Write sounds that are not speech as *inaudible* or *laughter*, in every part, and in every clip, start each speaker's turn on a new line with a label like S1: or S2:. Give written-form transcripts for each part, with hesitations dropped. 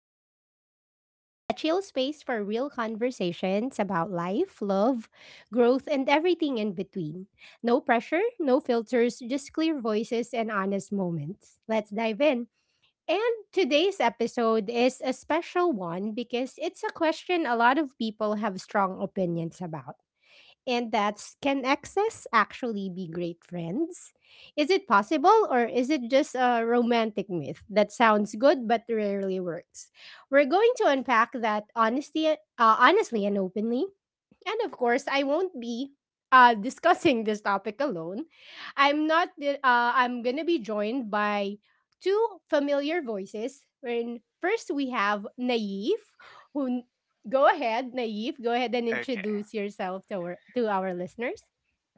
S1: back to Echo Lounge, a chill space for real conversations about life, love, growth, and everything in between. No pressure, no filters, just clear voices and honest moments. Let's dive in. And today's episode is a special one because it's a question a lot of people have strong opinions about, and that's, can exes actually be great friends? Is it possible, or is it just a romantic myth that sounds good but rarely works? We're going to unpack that honesty honestly and openly, and of course, I won't be discussing this topic alone. I'm not. The- I'm gonna be joined by two familiar voices. When first we have Naif, who, go ahead, Naif, go ahead and
S2: Okay.
S1: introduce yourself to our listeners.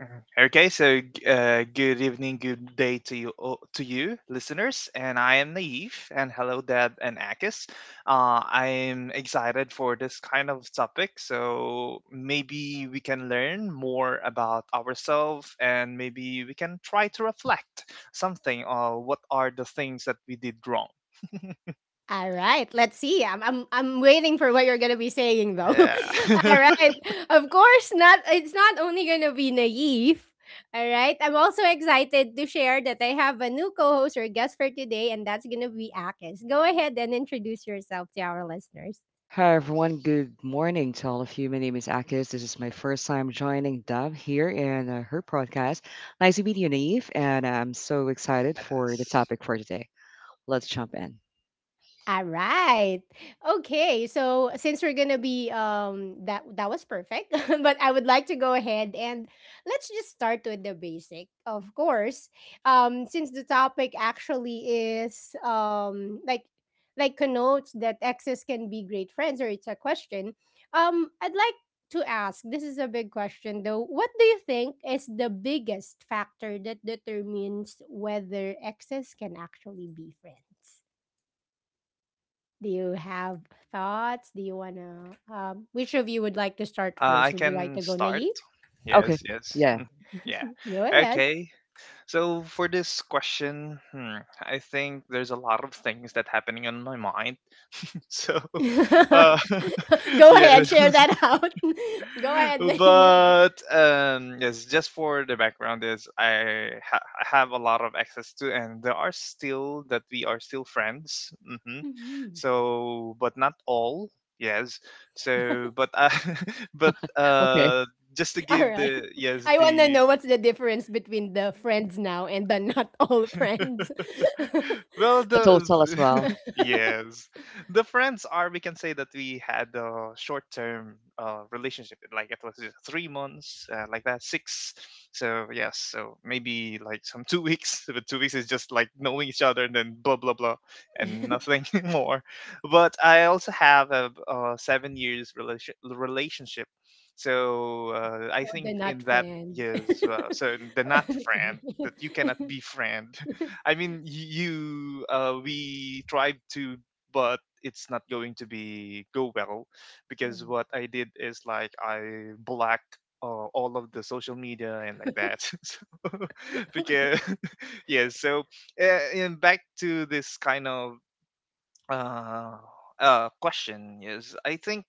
S2: Mhm. Okay. So, good evening, good day to you, to you, listeners. And I am Naive, and hello, Deb and Akis. I am excited for this kind of topic. So maybe we can learn more about ourselves, and maybe we can try to reflect something on what are the things that we did wrong.
S1: All right, let's see. I'm waiting for what you're gonna be saying though. *laughs*
S2: Yeah.
S1: All
S2: *laughs*
S1: right. Of course not, it's not only gonna be naive. All right. I'm also excited to share that I have a new co-host or guest for today, and that's gonna be Akis. Go ahead and introduce yourself to our listeners.
S3: Hi everyone, good morning to all of you. My name is Akis. This is my first time joining Dub here in her podcast. Nice to meet you, Naive, and I'm so excited for the
S2: Yes.
S3: topic for today. Let's jump in.
S1: All right. Okay. So since we're gonna be that that was perfect, *laughs* but I would like to go ahead and let's just start with the basic, of course. Since the topic actually is like connotes that exes can be great friends, or it's a question. I'd like to ask. This is a big question though. What do you think is the biggest factor that determines whether exes can actually be friends? Do you have thoughts? Do you wanna, which of you would like to start first?
S2: I
S1: Would you like
S2: can
S1: to go
S2: start.
S1: naive?
S2: Yes.
S3: Okay,
S2: Yes.
S3: yeah,
S2: Mhm. Yeah.
S1: Go ahead.
S2: Okay. So for this question, hmm, I think there's a lot of things that happening on my mind. *laughs* so, uh,
S1: *laughs*
S2: *laughs*
S1: Go
S2: yeah,
S1: ahead, share that out. *laughs* Go ahead,
S2: *laughs*
S1: naive.
S2: but yes, just for the background is I have a lot of access to, and there are still that we are still friends. Hmm
S1: Mhm.
S2: So, but not all. Yes. So, but *laughs* but
S3: okay,
S2: just to
S1: *laughs* All
S2: give
S1: right.
S2: the yes
S1: I wanna
S2: the
S1: know what's the difference between the friends now and the not all friends. *laughs* Oh,
S2: well
S3: and the
S2: the
S3: total as well.
S2: Yes. The friends are, we can say that we had a short term relationship. Like it was just 3 months, like that, six. So, yes. So maybe like some *laughs* 2 weeks. But 2 weeks is just like knowing each other, and then blah, blah, blah, and nothing *laughs* more. But I also have a, 7 years relationship. So I
S1: the
S2: think
S1: not
S2: in that,
S1: friend.
S2: yes. So the not
S1: *laughs*
S2: friend that you cannot
S1: Okay. *laughs*
S2: be friend. I mean, you we tried to, but it's not going to be go well because
S1: Oh,
S2: what I did is like I blocked all of the social media and like that. *laughs* *laughs* Because
S1: okay.
S2: *laughs* yeah, so and back to this kind of uh, question is I think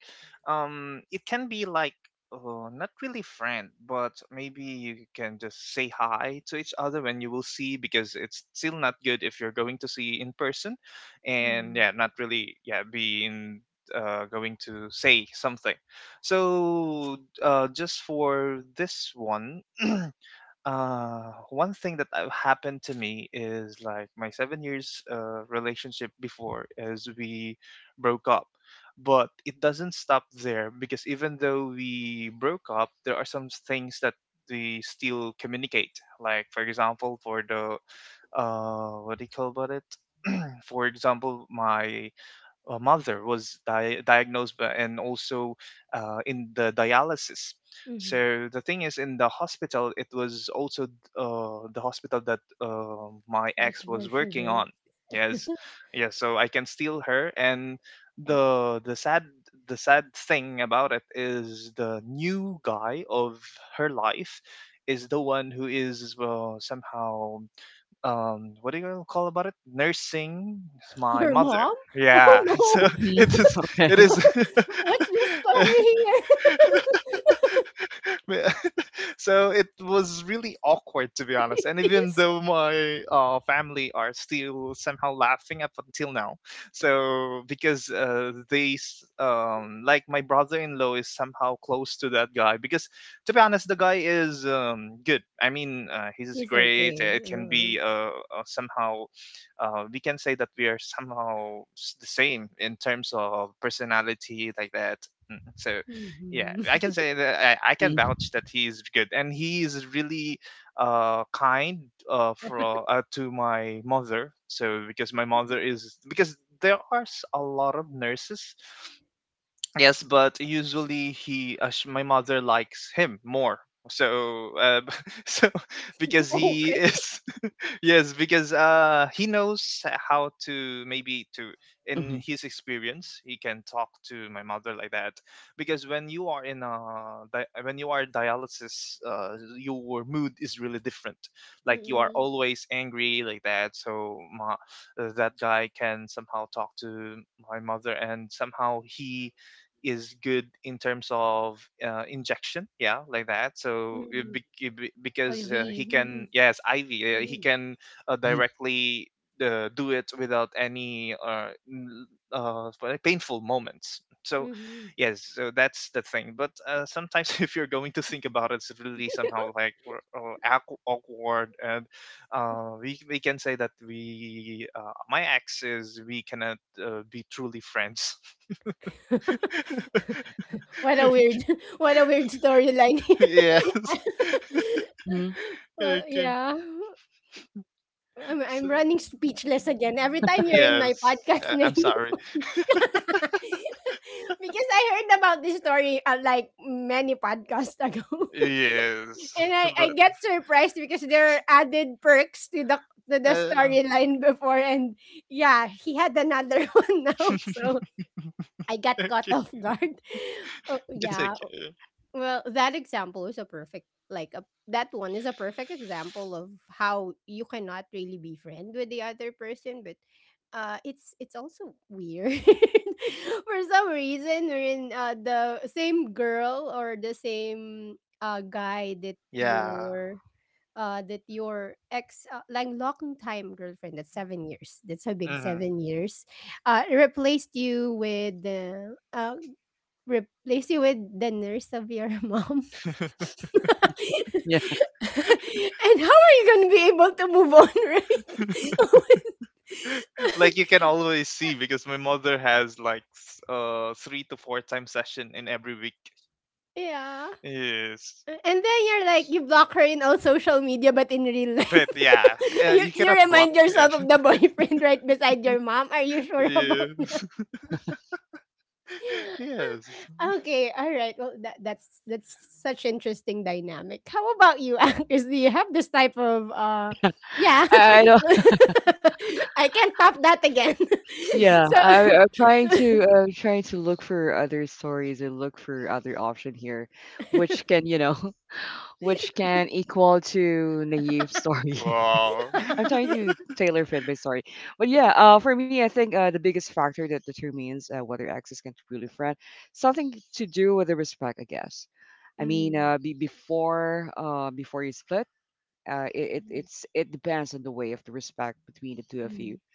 S2: it can be like not really friend, but maybe you can just say hi to each other when you will see because it's still not good if you're going to see in person, and
S1: Mm-hmm.
S2: yeah, not really yeah be in. Going to say something so just for this one uh one thing that have happened to me is like my 7 years relationship before is we broke up, but it doesn't stop there because even though we broke up, there are some things that we still communicate. Like for example, for the what do you call about it, for example, my mother was diagnosed by, and also in the dialysis. So the thing is, in the hospital, it was also the hospital that my ex
S1: That's
S2: was
S1: where she
S2: working on.
S1: worked.
S2: Yes, yeah. So I can steal her, and
S1: *laughs*
S2: the sad, the sad thing about it is the new guy of her life is the one who is somehow what do you call about it nursing my
S1: Your
S2: mother.
S1: mom?
S2: Yeah. *laughs* so
S1: Oh no.
S2: it
S3: Hmm.
S2: is it
S3: Okay.
S1: *laughs* What's the story here?
S2: is *laughs* *laughs* So it was really awkward, to be honest.
S1: *laughs*
S2: And
S1: It
S2: even
S1: is.
S2: though my family are still somehow laughing up until now. So because like my brother-in-law is somehow close to that guy because, to be honest, the guy is good. I mean, he's
S1: It's
S2: great.
S1: okay.
S2: It can be somehow we can say that we are somehow the same in terms of personality like that. Mm, so yeah,
S1: Mm-hmm.
S2: I can say that I can
S3: Hmm.
S2: vouch that he's good, and he is really kind, for to my mother. So because my mother is because there are a lot of nurses. Yes, but usually my mother likes him more. So *laughs* so
S1: *laughs*
S2: because he
S1: Okay.
S2: is yes because he knows how to maybe to, in
S3: Hmm.
S2: his experience, he can talk to my mother like that because when you are in a when you are dialysis, your mood is really different, like you are
S1: Mm-mm.
S2: always angry like that. So my, that guy can somehow talk to my mother, and somehow he is good in terms of injection, yeah, like that. So
S1: Mm-mm.
S2: because
S1: Olvi.
S2: he
S1: Mm-hmm.
S2: can, yes, iv, he
S1: Mm-hmm.
S2: can
S3: Hmm.
S2: directly do it without any uh, painful moments. So
S1: Mm-hmm.
S2: yes, so that's the thing. But sometimes *laughs* if you're going to think about it, it's really
S1: *laughs*
S2: somehow like awkward. And we can say that we my ex is we cannot be truly friends.
S1: Yeah. What a
S2: *laughs*
S1: weird *laughs* what a weird storyline here.
S2: *laughs*
S1: *laughs*
S2: Yes.
S3: Hmm.
S2: Okay.
S1: Yeah. I'm
S2: So,
S1: running speechless again. Every time you're in my
S2: yes.
S1: podcast na
S2: I'm
S1: yun.
S2: sorry.
S1: *laughs* Because I heard about this story, like many podcasts ago, *laughs*
S2: Yes. *laughs*
S1: and I
S2: But
S1: get surprised because there are added perks to the
S2: uh,
S1: storyline before, and yeah, he had another *laughs* one now.
S2: *laughs*
S1: So I got caught
S2: okay.
S1: off guard. Oh,
S2: It's
S1: yeah.
S2: okay.
S1: Well, that example is a perfect, like, a that one is a perfect example of how you cannot really be friend with the other person, but uh, it's also weird. *laughs* For some reason, wherein the same girl or the same guy that
S2: Yeah.
S1: you're that your ex, like long time girlfriend, that's 7 years, that's a big
S2: hmm
S1: 7 years, replaced you with the, replace you with the nurse of your *laughs* mom, *laughs* and
S3: Yeah,
S1: how are you going to be able to move on, *laughs* right?
S2: *laughs* Like you can always see because my mother has like three to four time session in every week.
S1: *laughs* Yeah.
S2: Yes.
S1: And then you're like,
S2: S-
S1: you block her in all social media, but in real
S2: But
S1: life,
S2: yeah,
S1: *laughs* you,
S2: you
S1: you
S2: cannot block.
S1: remind
S2: Yeah.
S1: yourself of the boyfriend right beside your mom. Are you sure about,
S2: *laughs* Yes. *laughs* Yes.
S1: okay, all right. Well, that's such interesting dynamic. How about you, *laughs* Angus? Do you have this type of
S3: *laughs* yeah.
S1: uh, yeah.
S3: I don't.
S1: *laughs* I can't top that again. *laughs*
S3: Yeah,
S1: So
S3: I'm trying to trying to look for other stories and look for other option here, which can you know which can equal to Naiv's story.
S2: Wow.
S3: *laughs* I'm trying
S1: *laughs*
S2: *laughs*
S3: to tailor fit my story. But yeah, for me, I think the biggest factor that determines whether ex is can truly friend, something to do with the respect, I guess. I mean,
S1: mm,
S3: before before you split,
S1: mm,
S3: it's it depends on the way of the respect between the two of
S1: mm,
S3: you.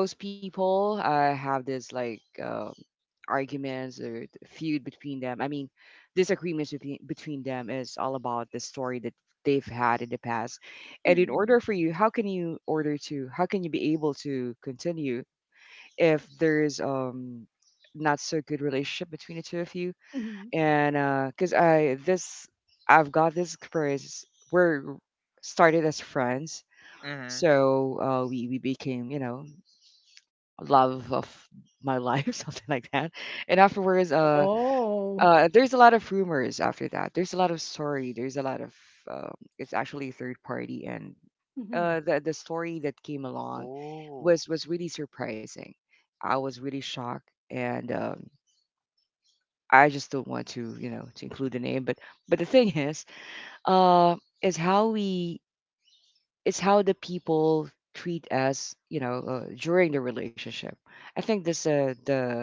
S3: Most people have this like arguments or feud between them. I mean, disagreements between them is all about the story that they've had in the past. And in
S1: mm,
S3: order for you, how can you order to? How can you be able to continue if there's not so good relationship between the two of you?
S1: mm.
S3: And because I've got this experience. We're started as friends,
S2: hmm
S3: so we became you know love of my life, *laughs* something like that. And afterwards,
S1: Oh.
S3: there's a lot of rumors after that. There's a lot of story. There's a lot of it's actually third party, and
S1: Mhm,
S3: the story that came along
S2: Oh.
S3: was really surprising. I was really shocked, and I just don't want to you know to include the name, but the thing uh, is how we is how the people treat us, you know, during the relationship. I think this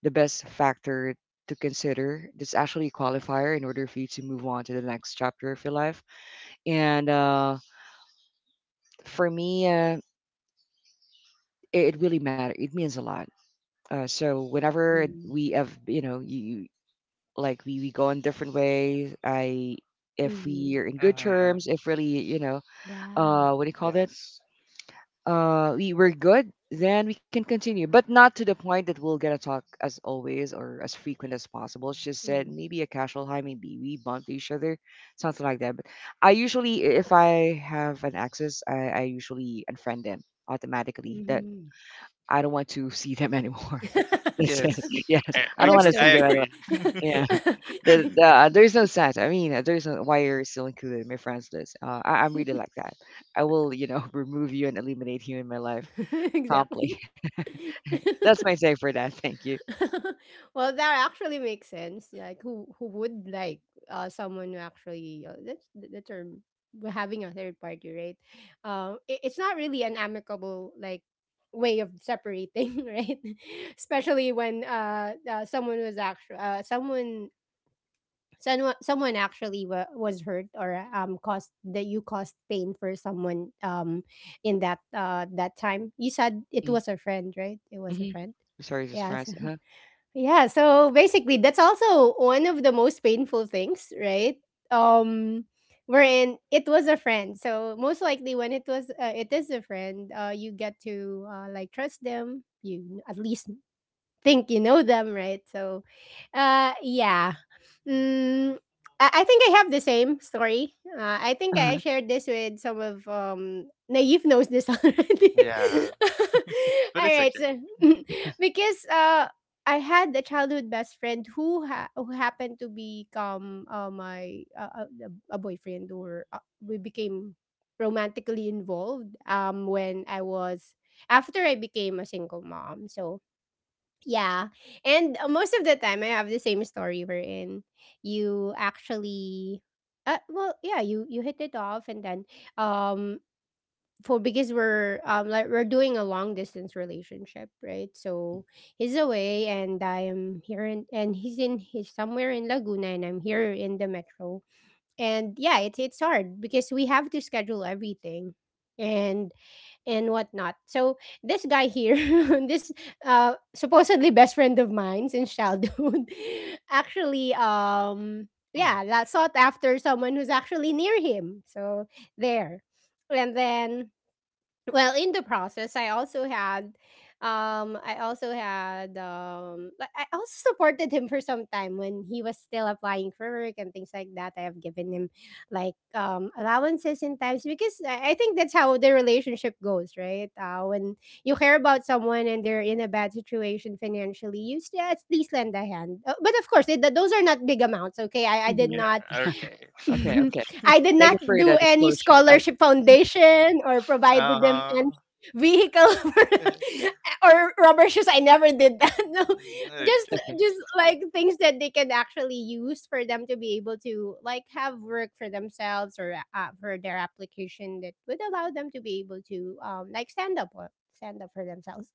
S3: the best factor to consider. That's actually a qualifier in order for you to move on to the next chapter of your life. And for me, it really matters. It means a lot. So whenever
S1: mm,
S3: we have, you know, you like we go in different ways. I, if we
S1: mhm.
S3: are in good
S2: hmm
S3: terms, if really, you know,
S1: Yeah.
S3: what do you call that?
S2: Yes.
S3: Uh, we were good, then we can continue. But not to the point that we'll get to talk as always or as frequent as possible. She said
S1: Mm,
S3: maybe a casual hi, maybe we bump each other, something like that. But I usually if I have an access, I usually unfriend them automatically. That
S1: mhm.
S3: I don't want to *laughs* see them anymore. *laughs*
S1: *laughs*
S3: That's it.
S2: Yes.
S3: Yes, I don't want to see
S1: Understood.
S2: I
S3: them anymore.
S2: agree. *laughs*
S3: Yeah,
S1: *laughs*
S3: there's no sense. I mean, there's no why you're still included in my friends list. I'm really like that. I will, you know, *laughs* remove you and eliminate you in my life.
S1: *laughs* Exactly.
S3: Promptly.
S1: *laughs*
S3: *laughs* That's my say for that. Thank you.
S1: Well, that actually makes sense. Like, who would like, someone who actually, that's the term, we're having a third party, right? It, it's not really an amicable, like, way of separating, *laughs* right? Especially when someone was actually, someone actually was hurt, or um, caused that you caused pain for someone, um, in that, uh, that time you said it was
S3: Mhm.
S1: a friend, right? It was a
S3: Mhm.
S1: friend.
S3: Sorry, just
S1: Yeah.
S3: France. Huh?
S1: *laughs* Yeah, so basically that's also one of the most painful things, right? Um, wherein it was a friend, so most likely when it was, it is a friend, uh, you get to, like, trust them, you at least think you know them, right? So, yeah. Mm, I think I have the same story. I think I
S3: Uh-huh.
S1: shared this with some of, um, Naive knows this *laughs* already.
S2: Yeah.
S1: *laughs*
S2: But
S1: All
S2: it's
S1: right,
S2: okay.
S1: so *laughs* because I had a childhood best friend who who happened to become, my a boyfriend, or we became romantically involved when I was, after I became a single mom. So yeah. And most of the time, I have the same story wherein you actually, well, yeah, you hit it off, and then um, for because we're like we're doing a long distance relationship, right? So
S3: Mhm.
S1: he's away, and I'm here, in, and he's somewhere in Laguna, and I'm here in the metro, and yeah, it's hard because we have to schedule everything. And and whatnot. So this guy here, *laughs* this supposedly best friend of mine since childhood, *laughs* actually,
S3: Oh.
S1: yeah, sought after someone who's actually near him. So there, and then, well, in the process, I also had, like, I also supported him for some time when he was still applying for work and things like that. I have given him like, allowances in times because I think that's how the relationship goes, right? When you care about someone and they're in a bad situation financially, you still at least lend a hand. But of course, it, those are not big amounts. Okay, I did
S2: Yeah.
S3: Mhm.
S1: not
S2: Okay.
S3: *laughs* Okay. Okay.
S1: *laughs* I did not
S3: Thank you for
S1: do
S3: that
S1: any
S3: disclosure.
S1: scholarship foundation or provided them
S2: Uh-huh.
S1: any
S2: *laughs*
S1: vehicle *laughs* or rubber shoes. I never did that. *laughs* No, just
S2: Okay.
S3: Okay.
S1: just like things that they can actually use for them to be able to like have work for themselves, or for their application that would allow them to be able to um, like, stand up or stand up for themselves.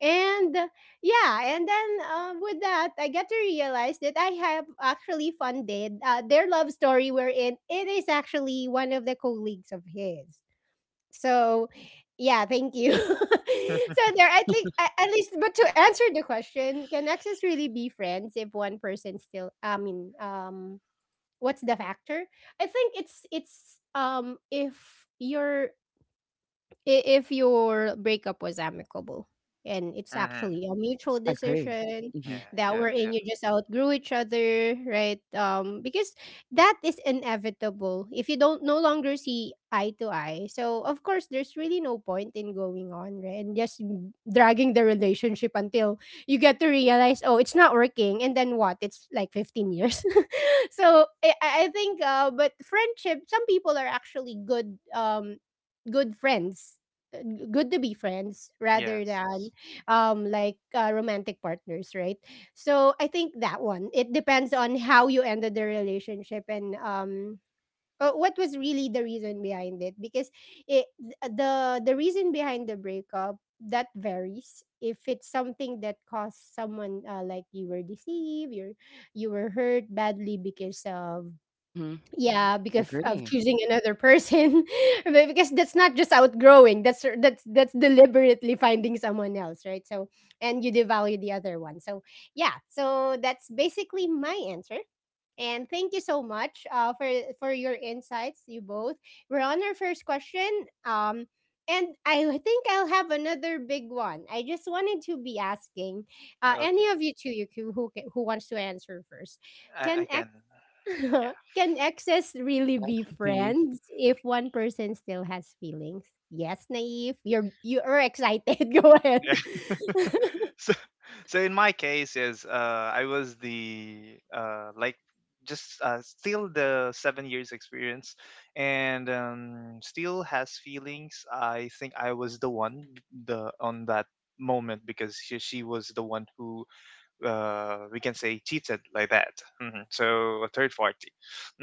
S1: And yeah, and then with that, I get to realize that I have actually funded their love story, wherein it is actually one of the colleagues of his. So, yeah, thank you. *laughs* So there, at least, but to answer the question, can exes really be friends if one person still? I mean, what's the factor? I think it's um, if you're, if your breakup was amicable and it's actually
S2: Mm-hmm.
S1: a mutual
S3: I agree.
S1: decision,
S3: Mhm.
S1: that we're
S2: Yeah.
S1: in, you just outgrew each other, right? Um, because that is inevitable. If you don't no longer see eye to eye, so of course there's really no point in going on, right? And just dragging the relationship until you get to realize, oh, it's not working, and then what, it's like 15 years, *laughs* so I think uh, but friendship, some people are actually good, um, good friends, uh, good to be friends rather
S2: Yes. yes.
S1: than um, like, romantic partners, right? So I think that one, it depends on how you ended the relationship, and um, what was really the reason behind it, because it th- uh, the the reason behind the breakup that varies, if it's something that caused someone like, you were deceived, you're, you were hurt badly because of,
S3: Mhm.
S1: yeah, because of
S3: Agree.
S1: choosing another person. *laughs* But because that's not just outgrowing, that's deliberately finding someone else, right? So, and you devalue the other one, so yeah, so that's basically my answer. And thank you so much for your insights, you both. We're on our first question, um, and I think I'll have another big one, I just wanted to be asking, any
S2: Okay.
S1: of you two, you, who wants to answer first, can
S2: I can. Yeah.
S1: *laughs* can exes
S3: Go
S1: really
S3: ahead.
S1: be
S3: *laughs* You.
S1: friends if one person still has feelings? Yes, naive. You're excited. *laughs* Go ahead.
S2: Yeah. *laughs*
S1: *laughs*
S2: so, so in my case, yes, I was the like just still the 7 years experience, and still has feelings. I think I was the one, the on that moment, because she was the one who we can say cheated like that. Hmm So a third party.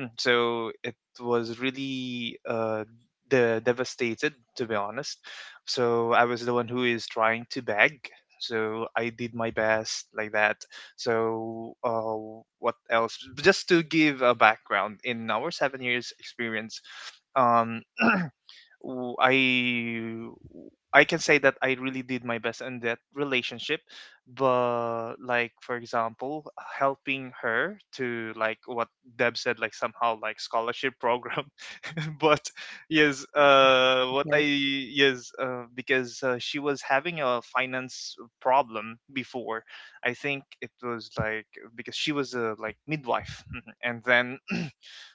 S2: Mm. So it was really devastated, to be honest. So I was the one who is trying to beg. So I did my best like that. So what else? Just to give a background in our 7 years experience, um, w- I I can say that I really did my best in that relationship, but like for example, helping her to like what Deb said, like somehow like scholarship program, *laughs* but yes,
S3: Okay.
S2: because she was having a finance problem before. I think it was like because she was a like midwife, *laughs* and then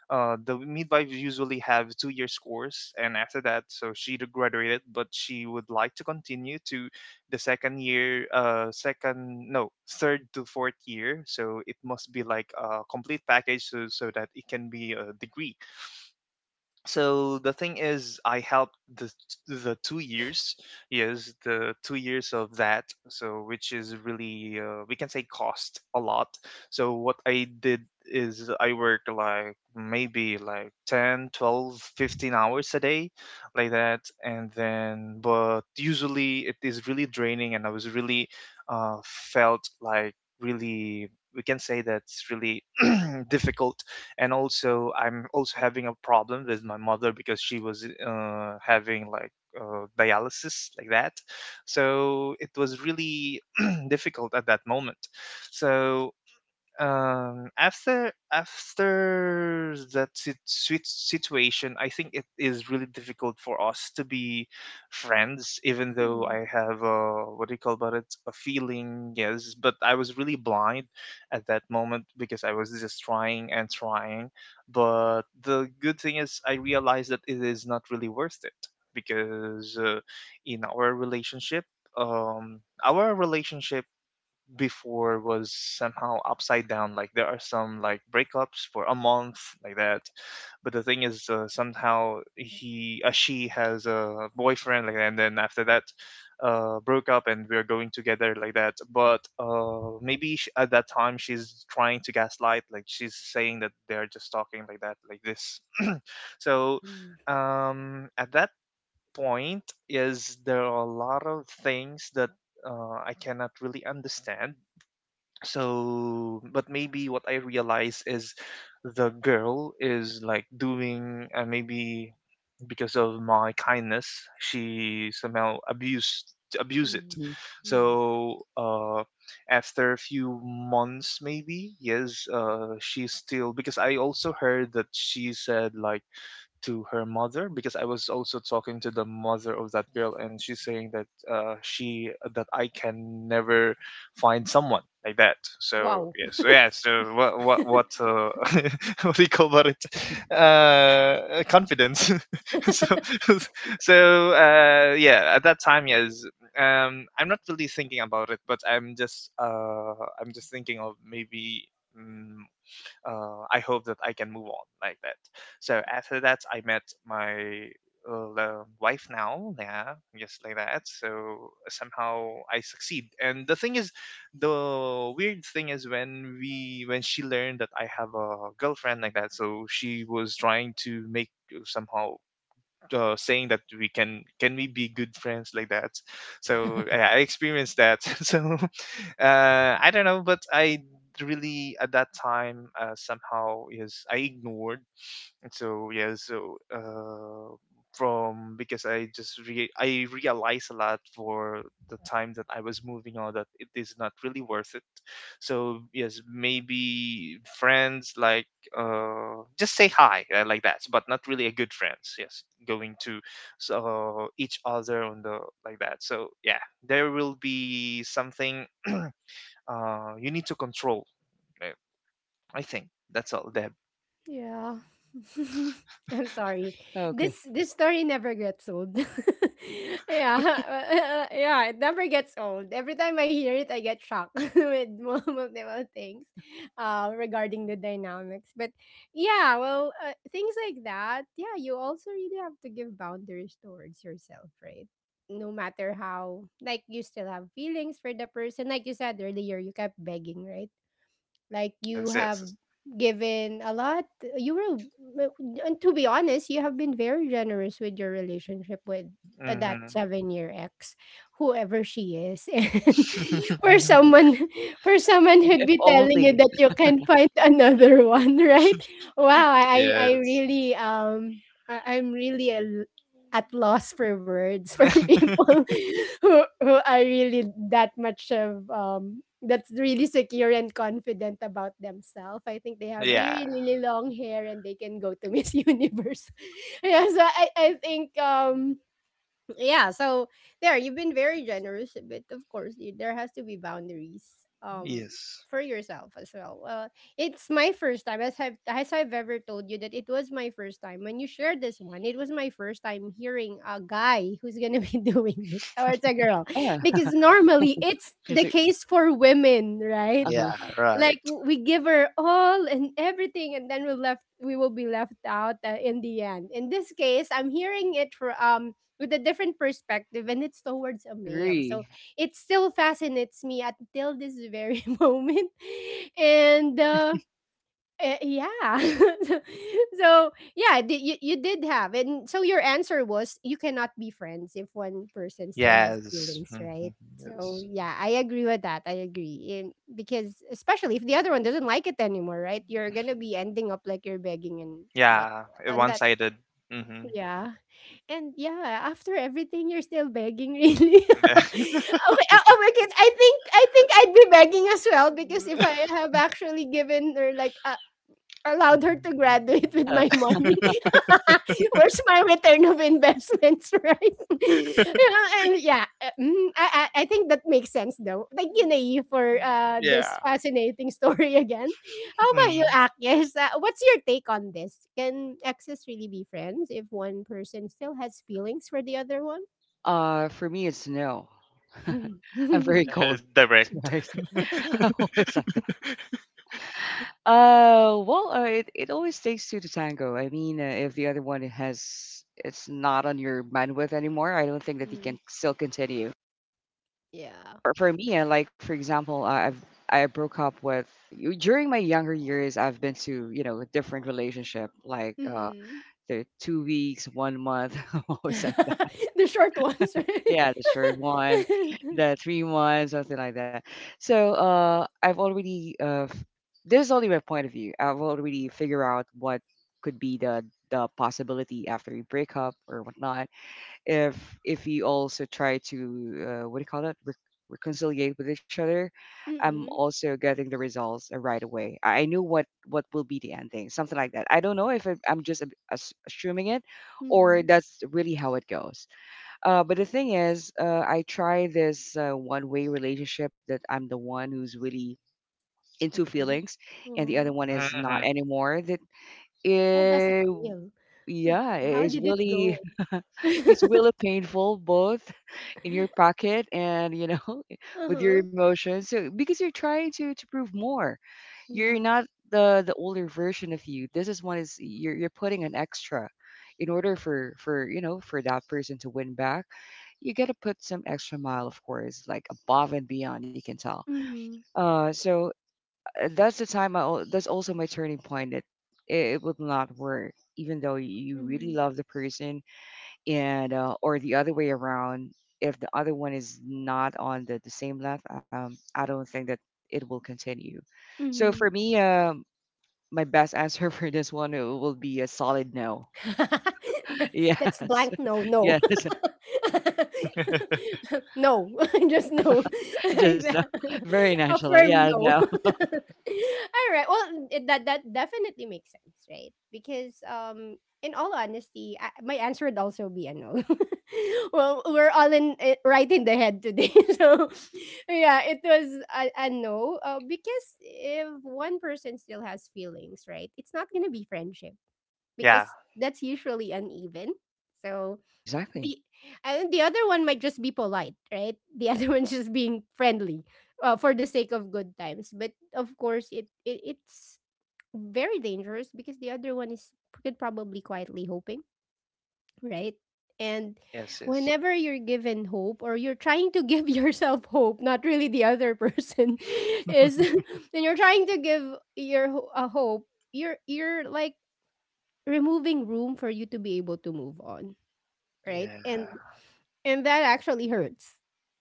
S2: the midwives usually have 2 years course, and after that, so she graduated, but she would like to continue to the second year, second no, third to fourth year. So it must be like a complete package, so so that it can be a degree. So the thing is, I helped the 2 years. Yes, the 2 years of that. So which is really we can say cost a lot. So what I did is I worked like maybe like 10, 12, 15 hours a day like that. And then, but usually it is really draining, and I was really felt like really, we can say that's really *clears throat* difficult. And also, I'm also having a problem with my mother because she was having like dialysis like that. So it was really *clears throat* difficult at that moment. So after that situation, I think it is really difficult for us to be friends, even though
S1: Hmm,
S2: I have a what do you call about it, a feeling, yes, but I was really blind at that moment because I was just trying and trying. But the good thing is I realized that it is not really worth it because in our relationship, our relationship before was somehow upside down. Like there are some like breakups for a month, like that. But the thing is, somehow she has a boyfriend, like, that, and then after that, broke up, and we're going together, like that. But maybe sh at that time she's trying to gaslight, like she's saying that they're just talking like that, like this. So
S1: mm,
S2: at that point, is there are a lot of things that I cannot really understand. So but maybe what I realize is the girl is like doing, and maybe because of my kindness she somehow abuse it.
S1: mm,
S3: Mhm.
S1: mm.
S2: So after a few months maybe, yes, she's still because I also heard that she said like to her mother, because I was also talking to the mother of that girl, and she's saying that she that I can never find someone like that. So
S1: Wow.
S2: yeah, so yeah, so what *laughs* what do you call about it?
S3: *laughs*
S2: Confidence. *laughs* so
S1: *laughs*
S2: so yeah, at that time, yes, I'm not really thinking about it, but I'm just thinking of maybe. Mm, I hope that I can move on like that. So after that, I met my wife now, yeah, just like that. So somehow I succeed. And the thing is, the weird thing is when we when she learned that I have a girlfriend like that, so she was trying to make somehow. Saying that we can we be good friends like that. So yeah, I experienced that. *laughs* so I don't know, but I really at that time somehow yes I ignored. And So yeah, so from because I just re- I realized a lot for the time that I was moving on that it is not really worth it. So yes, maybe friends like just say hi, like that, but not really a good friends. Yes, going to so each other on the like that, so yeah, there will be something, you need to control it. I think that's all, Deb.
S1: Yeah. *laughs* I'm sorry. This
S3: Okay.
S1: this story never gets old. *laughs* Yeah. *laughs* Yeah, it never gets old. Every time I hear it, I get shocked *laughs* with multiple things regarding the dynamics. But yeah, well, things like that. Yeah, you also really have to give boundaries towards yourself, right? No matter how, like, you still have feelings for the person. Like you said earlier, you kept begging, right? Like you
S2: Yes,
S1: have
S2: yes.
S1: given a lot. You were and to be honest, you have been very generous with your relationship with that
S2: Yes.
S1: 7 year ex, whoever she is, *laughs* and for
S2: Mm-hmm. *laughs*
S1: someone, for someone
S3: If
S1: who'd be telling you
S3: only.
S1: that you can find *laughs* another one, right? Wow, I I
S2: Yes.
S1: really I'm really at loss for words for *laughs* people who are really that much of that's really secure and confident about themselves. I think they have
S2: *laughs* Yeah.
S1: really, really long hair and they can go to *laughs* Miss Universe. *laughs* Yeah, so I think yeah, so there, you've been very generous, but of course you, there has to be boundaries,
S2: Yes.
S1: for yourself as well. It's my first time, as I've ever told you, that it was my first time when you shared this one. It was my first time hearing a guy who's gonna be *laughs* doing this, or it's a girl,
S3: Yeah.
S1: because normally it's the
S3: Is it?
S1: case for women,
S3: Uh
S1: right?
S3: huh.
S2: Yeah. Right.
S1: Like we give her all and everything, and then we left we will be left out in the end. In this case, I'm hearing it for with a different perspective, and it's towards a male, so
S3: Agree.
S1: it still fascinates me until this very *laughs* moment. And uh Eh, yeah. *laughs* So yeah, you did have, and so your answer was you cannot be friends if one person still has
S2: Yes.
S1: feelings,
S2: hmm
S1: right? So
S2: Yes.
S1: yeah, I agree with that. I agree, and because especially if the other one doesn't like it anymore, right? You're gonna be ending up like you're begging and what
S2: Yeah. A
S1: on that.
S2: one-sided. Mm-hmm.
S1: Yeah, and yeah, after everything, you're still begging, really. *laughs* Okay,
S2: *laughs*
S1: oh my God, I think I'd be begging as well, because if I have actually given her like a, allowed her to graduate with
S3: Yeah.
S1: my money. *laughs* Where's my return of investments, *laughs* right? *laughs* You know, and yeah, I think that makes sense though. Thank you, Nae, for this
S2: Yeah.
S1: fascinating story *laughs* again. How about you,
S2: Mm.
S1: Akis? What's your take on this? Can exes really be friends if one person still has feelings for the other one?
S3: For me, it's no. *laughs* I'm
S1: *laughs*
S3: very cold,
S2: *laughs* Direct.
S3: right? *laughs* I'm always like, uh, well, it it always takes two to tango. I mean, if the other one has it's not on your bandwidth anymore, I don't think that you can
S1: Mm,
S3: still continue.
S1: yeah.
S3: For me, like for example, I've I broke up with you during my younger years. I've been to you know a different relationship, like
S1: Mm-mm.
S3: the 2 weeks, one month, *laughs*
S1: *laughs*
S3: almost like.
S1: The short ones, right?
S3: Yeah, the short one, the
S1: *laughs*
S3: three one, something like that. So I've already this is only my point of view. I've already figured out what could be the possibility after you break up or whatnot. If if you also try to what do you call that? Reconciliate with each other, I'm
S1: Mm-mm.
S3: also getting the results right away. I knew what will be the ending, something like that. I don't know if it, I'm just assuming it, or
S1: Mhm,
S3: that's really how it goes. But the thing is, I try this one-way relationship that I'm the one who's really into
S1: coping?
S3: feelings, and the other
S1: Mhm.
S2: *laughs*
S3: one is not
S2: hmm
S3: anymore.
S1: How does it
S3: It,
S1: feel? Would
S3: yeah,
S1: How
S3: it's
S1: did it
S3: really
S1: go?
S3: *laughs* it's really painful both *laughs* in your
S1: *laughs*
S3: pocket and you know *laughs* with your
S1: Uh-huh.
S3: emotions. So because you're trying to prove more, you're
S1: Yeah.
S3: not the older version of you. This is one is you're putting an extra in order for you know for that person to win back, you gotta put some extra mile, of course, like above and beyond. You can tell.
S1: Mhm,
S3: Uh, so that's the time. That's also my turning point. That it would not work, even though you really
S1: mhm,
S3: love the person, and or the other way around. If the other one is not on the same level, I don't think that it will continue. So for
S1: mhm.
S3: me, my best answer *laughs* for this one will be a solid no.
S1: *laughs*
S3: *laughs*
S1: That's
S3: Yes,
S1: blank no,
S3: *laughs*
S1: no.
S3: yes, *laughs*
S2: *laughs*
S1: *laughs* No, *laughs* just no. *laughs* Like
S3: just no.
S1: that.
S3: Very
S1: *laughs* A
S3: nonchalant.
S1: firm
S3: Yeah,
S1: no.
S3: no.
S1: *laughs* All right. Well, it, that that definitely makes sense, right? Because in all honesty, I, my answer would also be a no. *laughs* Well, we're all in eh, right in the head today. *laughs* So yeah, it was a no because if one person still has feelings, right? It's not going to be friendship
S2: Yeah.
S1: because that's usually uneven. So
S3: Exactly.
S1: the and the other one might just be polite, right? The other *laughs* one's just being friendly, for the sake of good times. But of course, it's very dangerous because the other one is could probably quietly hoping, right? And
S2: Yes. Yes.
S1: whenever you're given hope or you're trying to give *laughs* yourself hope, not really the other person *laughs* is, *laughs*
S2: *laughs*
S1: and you're trying to give your a hope, you're like removing room for you to be able to move on, right?
S2: Yeah.
S1: And that actually hurts.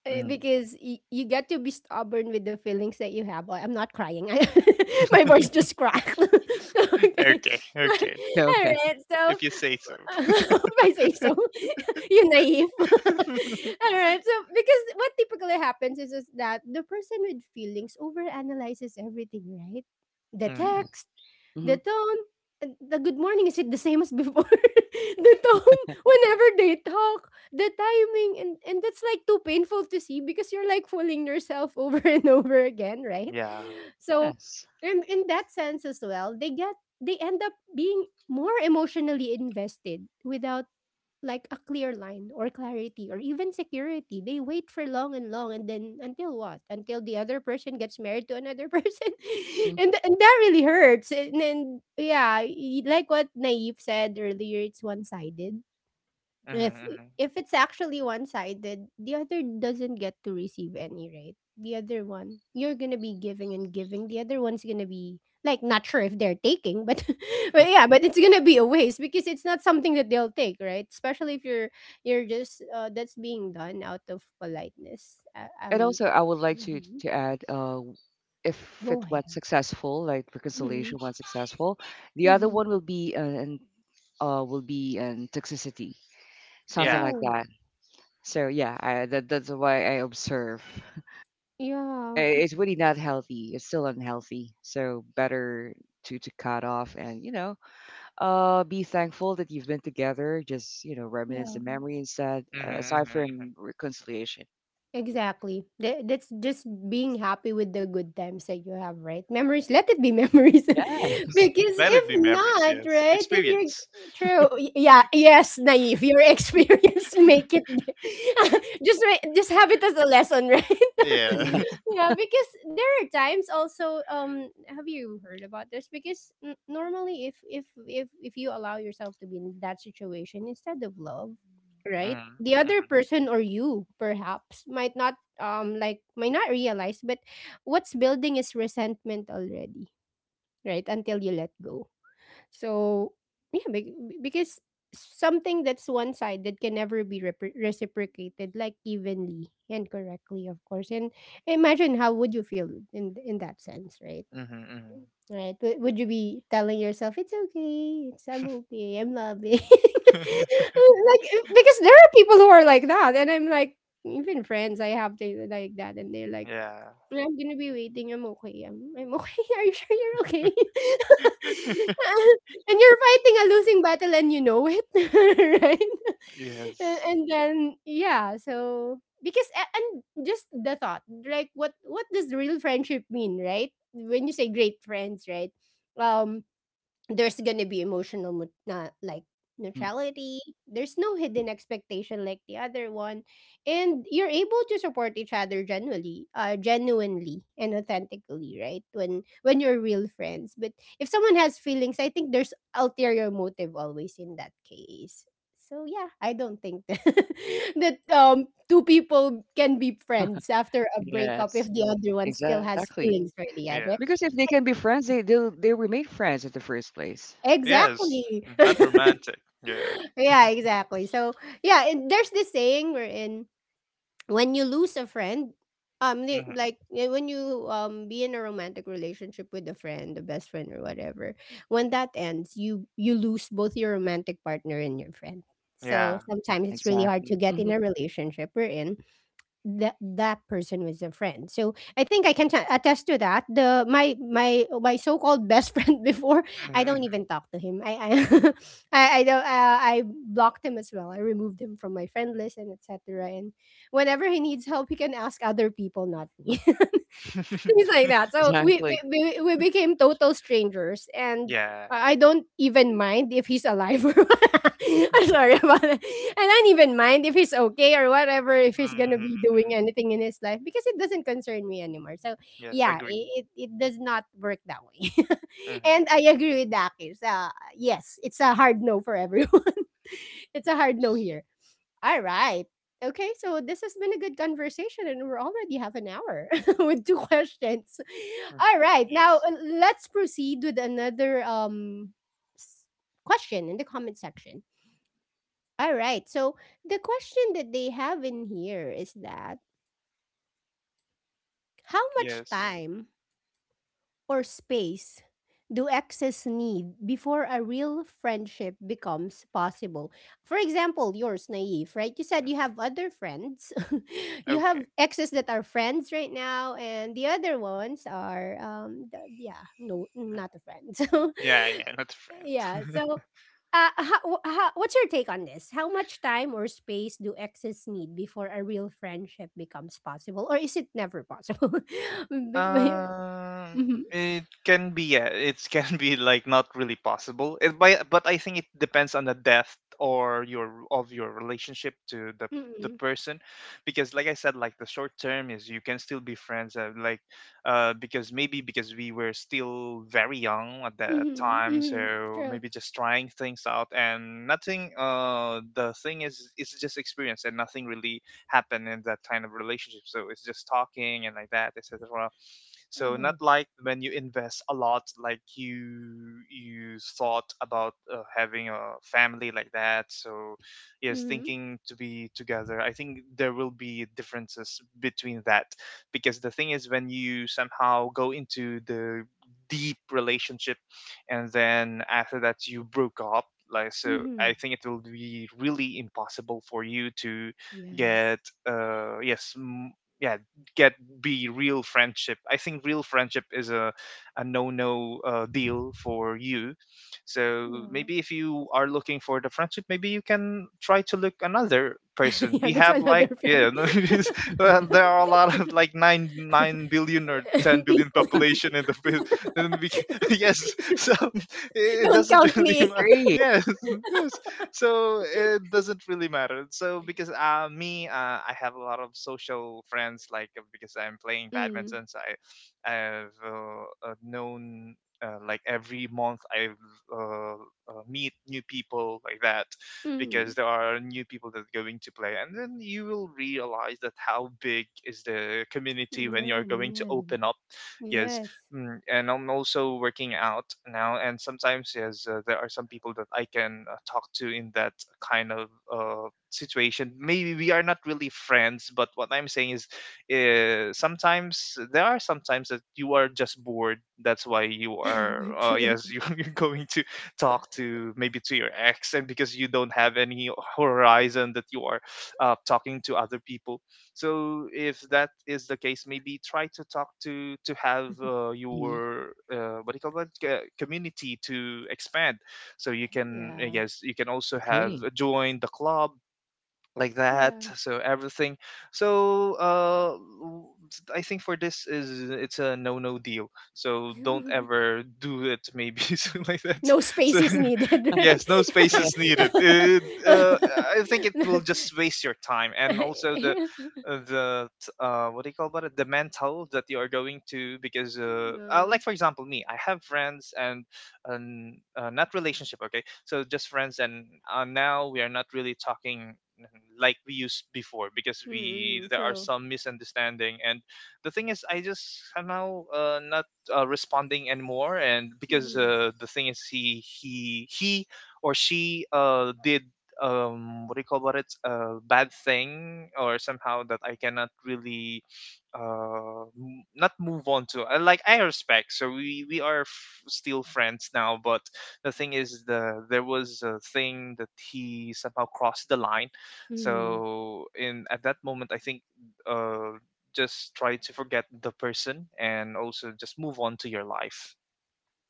S1: Eh,
S2: Mm.
S1: because you get to be stubborn with the feelings that you have. Oh, I'm not crying. *laughs* My voice just cracked. *laughs* Okay.
S2: Okay,
S1: *laughs*
S2: okay.
S3: Okay,
S1: All
S3: okay.
S1: right. So
S2: If you say so.
S1: *laughs* if I say so, *laughs* you naive. *laughs*
S2: *laughs*
S1: All right. So because what typically happens is, that the person with feelings overanalyzes everything, right? The
S3: Yeah.
S2: Mm.
S1: text,
S3: Hmm.
S1: the tone, and the good morning, is it the same as before? *laughs* The tone whenever they talk, the timing, and that's like too painful to see, because you're like fooling yourself over *laughs* and over again, right?
S2: Yeah.
S1: So,
S3: Yes.
S1: in that sense as well, they get they end up being more emotionally invested without like a clear line or clarity or even security. They wait for long and long and then until what? Until the other person gets married to another *laughs* person.
S3: Hmm.
S1: And, and that really hurts. And then yeah, like what Naive said earlier, it's one-sided. if
S2: hmm hmm
S1: if it's actually one-sided, the other doesn't get to receive any, right? The other
S3: Hmm.
S1: one, you're gonna be giving and giving, the other one's gonna be like not sure if they're taking, but *laughs*
S3: Uh-huh.
S1: but yeah, but it's gonna be a waste because it's not something that they'll take, right? Especially if you're you're just that's being done out of politeness.
S3: And also, I would like to
S1: Mhm.
S3: add, if it
S1: Go
S3: went
S1: ahead.
S3: successful, like
S1: Hmm,
S3: reconciliation went successful, the other
S1: hmm.
S3: one will be in will be in toxicity, something
S2: Yeah.
S3: like
S1: True.
S3: that. So yeah, that that's why I observe. Uh,
S1: Yeah,
S3: It's really not healthy. It's still unhealthy. So better to cut off and you know, be thankful that you've been together. Just, you know,
S1: yeah.
S3: reminisce the memory instead,
S2: hmm
S3: aside
S2: hmm hmm
S3: from reconciliation.
S1: Exactly. That's just being happy with the good times that you have, right? Memories, let it be memories. *laughs*
S3: Yes,
S1: Because
S2: Let
S1: if
S2: it be memories,
S1: not,
S2: yes.
S1: right? If you're
S2: Experience.
S1: true, yeah, yes, naive. Your experience *laughs* make it *laughs* just just have it as a lesson, right? *laughs*
S3: *laughs*
S2: Yeah. *laughs*
S3: yes.
S1: Yeah, because there are times also, have you heard about this? Because normally if if you allow yourself to be in that situation instead of love, right,
S2: hmm
S1: the other
S2: hmm
S1: person or you perhaps might not like might not realize, but what's building is resentment already, right, until you let go. So yeah, because something that's one side that can never be reciprocated like evenly and correctly, of course, and imagine how would you feel in that sense, right?
S2: hmm hmm
S1: Right, but would you be telling yourself, "It's okay, it's I'm okay, I'm loving." *laughs* Like, because there are people who are like that, and I'm like even friends I have, they like that, and they're like
S2: *laughs* Yeah.
S1: but I'm gonna be waiting. I'm okay. I'm okay. *laughs* Are you sure you're okay? *laughs* And you're fighting a losing battle and you know it, *laughs* right? And,
S2: Yes.
S1: and then yeah, so because and just the thought, like what does real friendship mean, right? When you say great friends, right? Um there's gonna be emotional mo- na like
S3: Mhm.
S1: neutrality, there's no hidden expectation like the other one, and you're able to support each other genuinely, genuinely and authentically, right, when you're real friends. But if someone has feelings, I think there's ulterior motive always in that case. So yeah, I don't think that, *laughs* that two people can be friends after a breakup
S3: Yes,
S1: if the other one still has
S3: exactly.
S1: feelings for the
S3: Because
S1: other.
S3: if they
S2: Yes.
S3: can be friends, they'll they remain friends at the first place.
S2: Yes.
S1: Exactly.
S2: Mm,
S1: *laughs*
S2: not romantic. Yeah.
S1: *laughs* Yeah, exactly. So yeah, and there's this saying wherein when you lose a friend, they,
S2: hmm
S1: like eh, when you be in a romantic relationship with a friend, a best friend or whatever, when that ends, you lose both your romantic partner and your friend.
S2: Yeah.
S1: So
S3: Yeah,
S1: sometimes it's really hard
S3: exactly.
S1: to get
S3: Hmm.
S1: in a relationship we're in that that person was a friend. So I think I can attest to that. The my so-called best *laughs* friend before, I
S2: hmm
S1: don't
S2: hmm
S1: even talk to him. I *laughs* I don't I blocked him as well. I removed him from my friend list and etc. And whenever he needs help, he can ask other people, not me. *laughs* Things
S2: *laughs*
S1: like that. So we
S3: Exactly.
S1: we, we became total strangers, and
S2: Yeah.
S1: I don't even mind if he's alive. *laughs* I'm sorry about that. I don't even mind if he's okay or whatever, if he's
S2: hmm
S1: gonna
S2: hmm
S1: be doing anything in his life, because it doesn't concern me anymore. So
S2: Yes,
S1: yeah,
S2: agree.
S1: it does not work that way. *laughs*
S2: Hmm
S1: And I agree with Dakis. Yes, it's a hard no for everyone. *laughs* It's a hard no here. All right. Okay, so this has been a good conversation, and we're already half an hour *laughs* with two questions.
S2: Mm.
S1: All right, now
S2: Yes.
S1: let's proceed with another s- question in the comment section. All right, so the question that they have in here is that how much
S2: Yes.
S1: time or space do exes need before a real friendship becomes possible? For example, yours, Naive, right? You said you have other friends. *laughs* You
S2: Okay.
S1: have exes that are friends right now, and the other ones are, yeah, no, not a friend. *laughs* So,
S2: Yeah, yeah, not
S1: yeah.
S2: friend.
S1: So,
S2: *laughs*
S1: how, what's your take on this? How much time or space do exes need before a real friendship becomes possible, or is it never possible? *laughs*
S2: um,
S1: Mhm.
S2: it can be, yeah, it *laughs* can be like not really possible. It by but I think it depends on the depth or your of your relationship to the
S1: Mm.
S2: person, because like I said, like the short term is you can still be friends. Like, because maybe because we were still very young at that
S1: Mhm,
S2: time, so
S1: mhm. True.
S2: maybe just trying things out and nothing. The thing is, it's just experience and nothing really happen in that kind of relationship. So it's just talking and like that, etc. So not
S1: Uh-huh.
S2: like when you invest a lot, like you thought about having a family like that. So yes,
S1: Mhm,
S2: thinking to be together. I think there will be differences between that because the thing is when you somehow go into the deep relationship and then after that you broke up like. So I
S1: mhm.
S2: think it will be really impossible for you to
S1: Yes.
S2: get. uh yes m- yeah get be real friendship. I think real friendship is a no-no, deal for you. So
S1: Yeah.
S2: maybe if you are looking for the friendship, maybe you can try to look another
S1: *laughs*
S2: person.
S1: Yeah,
S2: We
S1: there's
S2: have like,
S1: another
S2: yeah,
S1: friend.
S2: *laughs* no,
S3: Mhm.
S2: well, there are a lot of
S1: *laughs*
S2: like 9 9 billion or 10
S1: People
S2: billion population in *laughs* then we can, *laughs* yes so *laughs*
S1: *laughs*
S2: it
S1: don't
S2: doesn't
S1: count
S2: really
S1: me
S2: ma-
S3: Agree.
S2: yes *laughs* yes *laughs* so it doesn't really matter. So because me, I have a lot of social friends. Like, because I'm playing
S1: in. Mm,
S2: badminton, so I've known, like every month I uh, meet new people like that, because
S1: mhm.
S2: there are new people that are going to play, and then you will realize that how big is the community when you're
S1: No.
S2: going to
S1: Yeah, mm.
S2: open up. Yes.
S1: Yes.
S2: Mm, and I'm also working out now, and sometimes yes, there are some people that I can talk to in that kind of situation. Maybe we are not really friends, but what I'm saying is, sometimes there are sometimes that you are just bored. That's why you are,
S1: *laughs* True.
S2: yes, you, *laughs* you're going to talk to maybe to your ex, and because you don't have any horizon that you are talking to other people. So if that is the case, maybe try to talk to have,
S1: *laughs*
S3: Hmm.
S2: your, what do you call that, community to expand, so you can,
S1: Yeah,
S2: yes, you can also have,
S3: Agree.
S2: join the club like that,
S1: yeah.
S2: so everything. So w- I think for this is it's a no no deal, so don't
S1: *laughs*
S2: ever do it maybe. *laughs* Something like that.
S1: No
S2: So
S1: space is needed, *laughs* right?
S2: yes, no space is
S3: Yeah.
S2: needed. It, uh, I think it will just waste your time and also the,
S1: *laughs*
S2: what do you call about it? The mental that you are going to, because
S1: Yeah. *laughs*
S2: like for example me, I have friends and, not relationship. Okay, so just friends, and now we are not really talking like we used before because we
S1: Mm,
S2: there are
S1: true.
S2: some misunderstanding. And the thing is I just somehow not responding anymore, and because
S1: Mhm.
S2: the thing is he or she did, what do you call about it, a bad thing or somehow that I cannot really not move on to. Like I respect, so we are still friends now, but the thing is the there was a thing that he somehow crossed the line.
S1: Mm,
S2: So in at that moment I think, uh, just try to forget the person and also just move on to your life.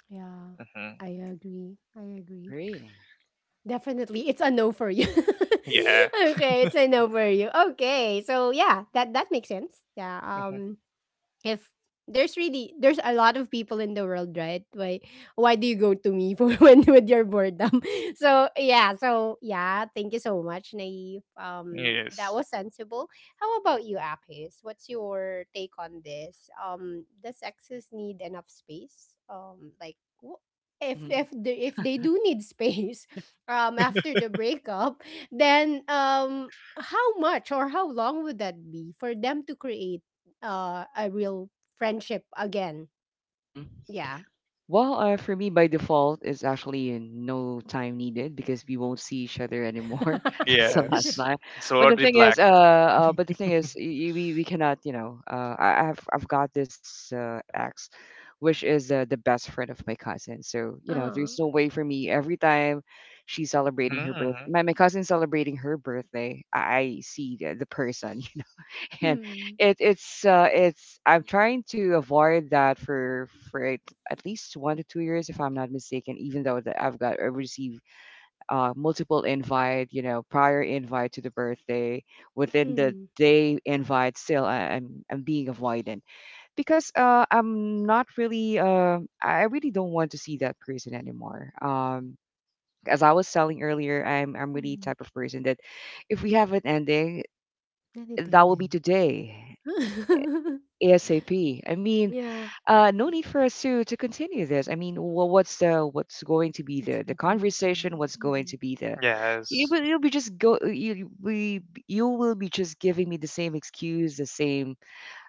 S1: yeah,
S2: Hmm
S1: I agree. I agree.
S3: Agree.
S1: Definitely, it's a no for you.
S2: Yeah.
S1: *laughs* Okay, it's a no for you. Okay, so yeah, that that makes sense. Yeah.
S2: hmm
S1: If there's a lot of people in the world, right? Why do you go to me for *laughs* when with your boredom? *laughs* So yeah, thank you so much, Naive. That
S2: Yes.
S1: was sensible. How about you, Apis? What's your take on this? Does sexes need enough space? Wh-
S3: Hmm.
S1: if they do need space, *laughs* after the breakup, then how much or how long would that be for them to create a real friendship again? Yeah.
S3: Well, for me, by default, it's actually no time needed because we won't see each other anymore. *laughs*
S1: *laughs*
S3: That's the last
S2: Yes.
S3: time.
S2: It's
S3: But the
S2: already
S3: thing is,
S2: black.
S3: but the thing is, we cannot, you know, I've got this ex, which is the best friend of my cousin. So you know, there's
S1: Uh-huh.
S3: no way for me. Every time she's
S2: Hmm
S3: celebrating her birth,
S2: hmm
S3: my cousin's celebrating her birthday, I see the person. *laughs* And
S1: Mm.
S3: it it's I'm trying to avoid that for at least 1 to 2 years if I'm not mistaken, even though that I received multiple invite, you know, prior invite to the birthday within the
S1: Mm.
S3: day invite still I'm being avoidant because I'm not really I really don't want to see that person anymore. As I was telling earlier, I'm really
S1: Mm.
S3: type of person that if we have an ending,
S1: Then it
S3: that will be
S1: ended.
S3: today.
S1: *laughs*
S3: ASAP. I mean,
S1: Yeah.
S3: no need for us to continue this. I mean, what's the what's going to be
S1: That's
S3: the
S1: the point,
S3: conversation?
S1: right?
S3: What's going
S1: Mm-hmm.
S3: to be the
S2: Yes.
S3: you'll be just go you you- we you will be just giving me the same excuse, the same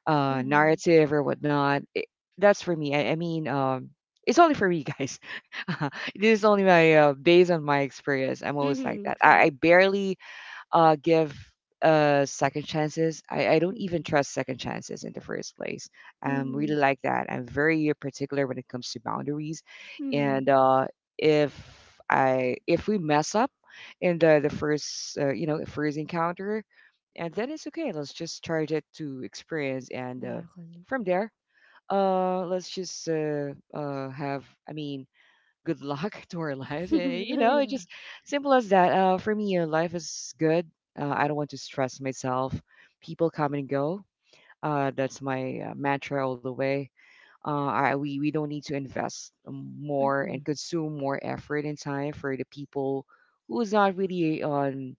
S1: Mhm.
S3: narrative or whatnot. That's for me. I mean, it's only for me, guys. *laughs* this is only my based on my experience. I'm always like
S1: Mhm,
S3: that.
S1: true.
S3: I barely give second chances. I don't even
S1: Mhm.
S3: trust second chances in the first place. I'm really
S1: Mhm.
S3: like that. I'm very particular when it comes to boundaries,
S1: Mhm.
S3: and if I if we mess up in the first you know first encounter, and then it's okay. Let's just charge it to experience, and
S1: Exactly.
S3: from there, let's just have. I mean good luck *laughs* to our
S1: *laughs*
S3: lives. Yeah, you know, it's
S1: Yeah.
S3: just simple as that. For me, life is good. I don't want to stress myself. People come and go. That's my mantra all the way. We don't need to invest more
S1: Mm-hmm.
S3: and consume more effort and time for the people who's not really on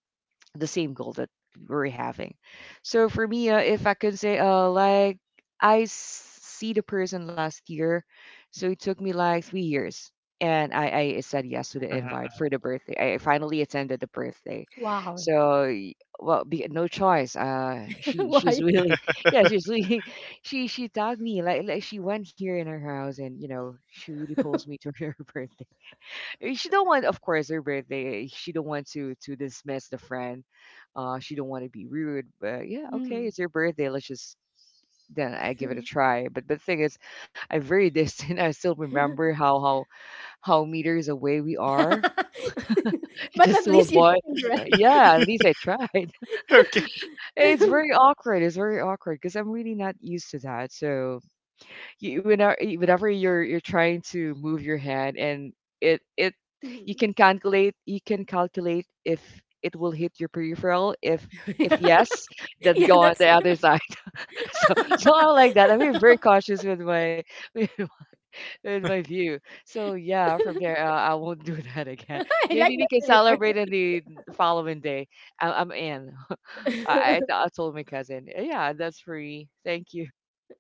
S3: the same goal that we're having. So for me, if I could say, like I s- see the person last year, so it took me like 3 years, and I said yes to the invite
S2: hmm
S3: for the birthday. I finally attended the birthday,
S1: Wow.
S3: so well, no choice.
S1: *laughs*
S3: She's
S1: Why?
S3: really, *laughs* yeah, she's really, *laughs* she tagged me like she went here in her house, and you know she really pulls me to *laughs* her birthday. Eh, she don't want, of course, her birthday. She don't want to dismiss the friend. She don't want to be rude. But yeah, okay,
S1: Mm.
S3: it's your birthday. Let's just then I give it a
S1: *laughs*
S3: try. But the thing is, I'm very distant. *laughs* I still remember how meters away we are *laughs*
S1: But
S3: just
S1: at
S3: to
S1: least you
S3: avoid.
S1: joined, right?
S3: Yeah, at least I tried. *laughs*
S2: Okay.
S3: It's
S1: *laughs*
S3: very awkward. It's very awkward because I'm really not used to that. So you whenever you're trying to move your hand and it you
S1: Mhm.
S3: can calculate you can calculate if it will hit your peripheral
S1: *laughs*
S3: if
S1: Yeah.
S3: yes, then
S1: yeah,
S3: go on
S1: that's
S3: the other side. *laughs* so
S1: *laughs*
S3: so I like that I'm being very cautious with my *laughs* with my view. So yeah, from there, I won't do *laughs* that again.
S1: I like
S3: Maybe we can
S1: that reference.
S3: celebrate in the following day. I, I'm in. *laughs* I I told my cousin, yeah, that's free, thank you.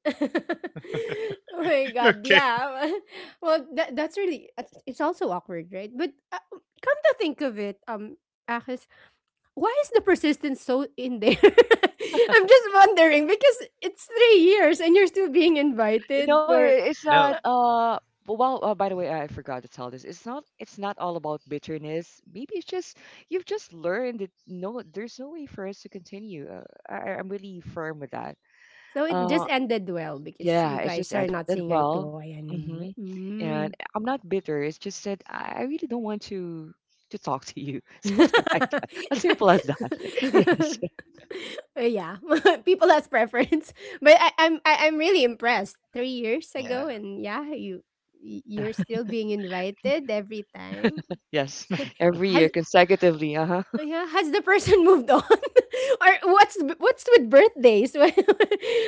S1: *laughs* Oh my
S2: *laughs*
S1: god,
S2: Okay.
S1: yeah. *laughs* Well, that's really it's also awkward, right? But Come to think of it, Akis, why is the persistence so in there? *laughs* I'm just wondering because it's 3 years and you're still being invited
S3: No,
S1: for.
S3: it's
S2: No.
S3: not. Well, by the way, I forgot to tell this. It's not. It's not all about bitterness. Maybe it's just you've just learned that no, there's no way for us to continue. I'm really firm with that.
S1: So it just
S3: Uh,
S1: ended well because you
S3: yeah, it
S1: guys
S3: just
S1: are
S3: ended
S1: not saying eye
S3: well.
S1: to eye
S3: Mm-hmm.
S1: anymore.
S3: And
S1: Mm.
S3: I'm not bitter. It's just that I really don't want to talk to you. *laughs* Something like that. As simple as that. *laughs* Yes.
S1: *laughs* Yeah, *laughs* people has preference, *laughs* but I'm really impressed. 3 years
S2: Yeah.
S1: ago, and yeah,
S3: Yeah.
S1: you're still being invited every time.
S3: Yes. Every
S1: *laughs*
S3: year
S1: Has
S3: consecutively. Uh huh.
S1: Yeah, has the person *laughs* moved on, *laughs* or what's with birthdays? *laughs*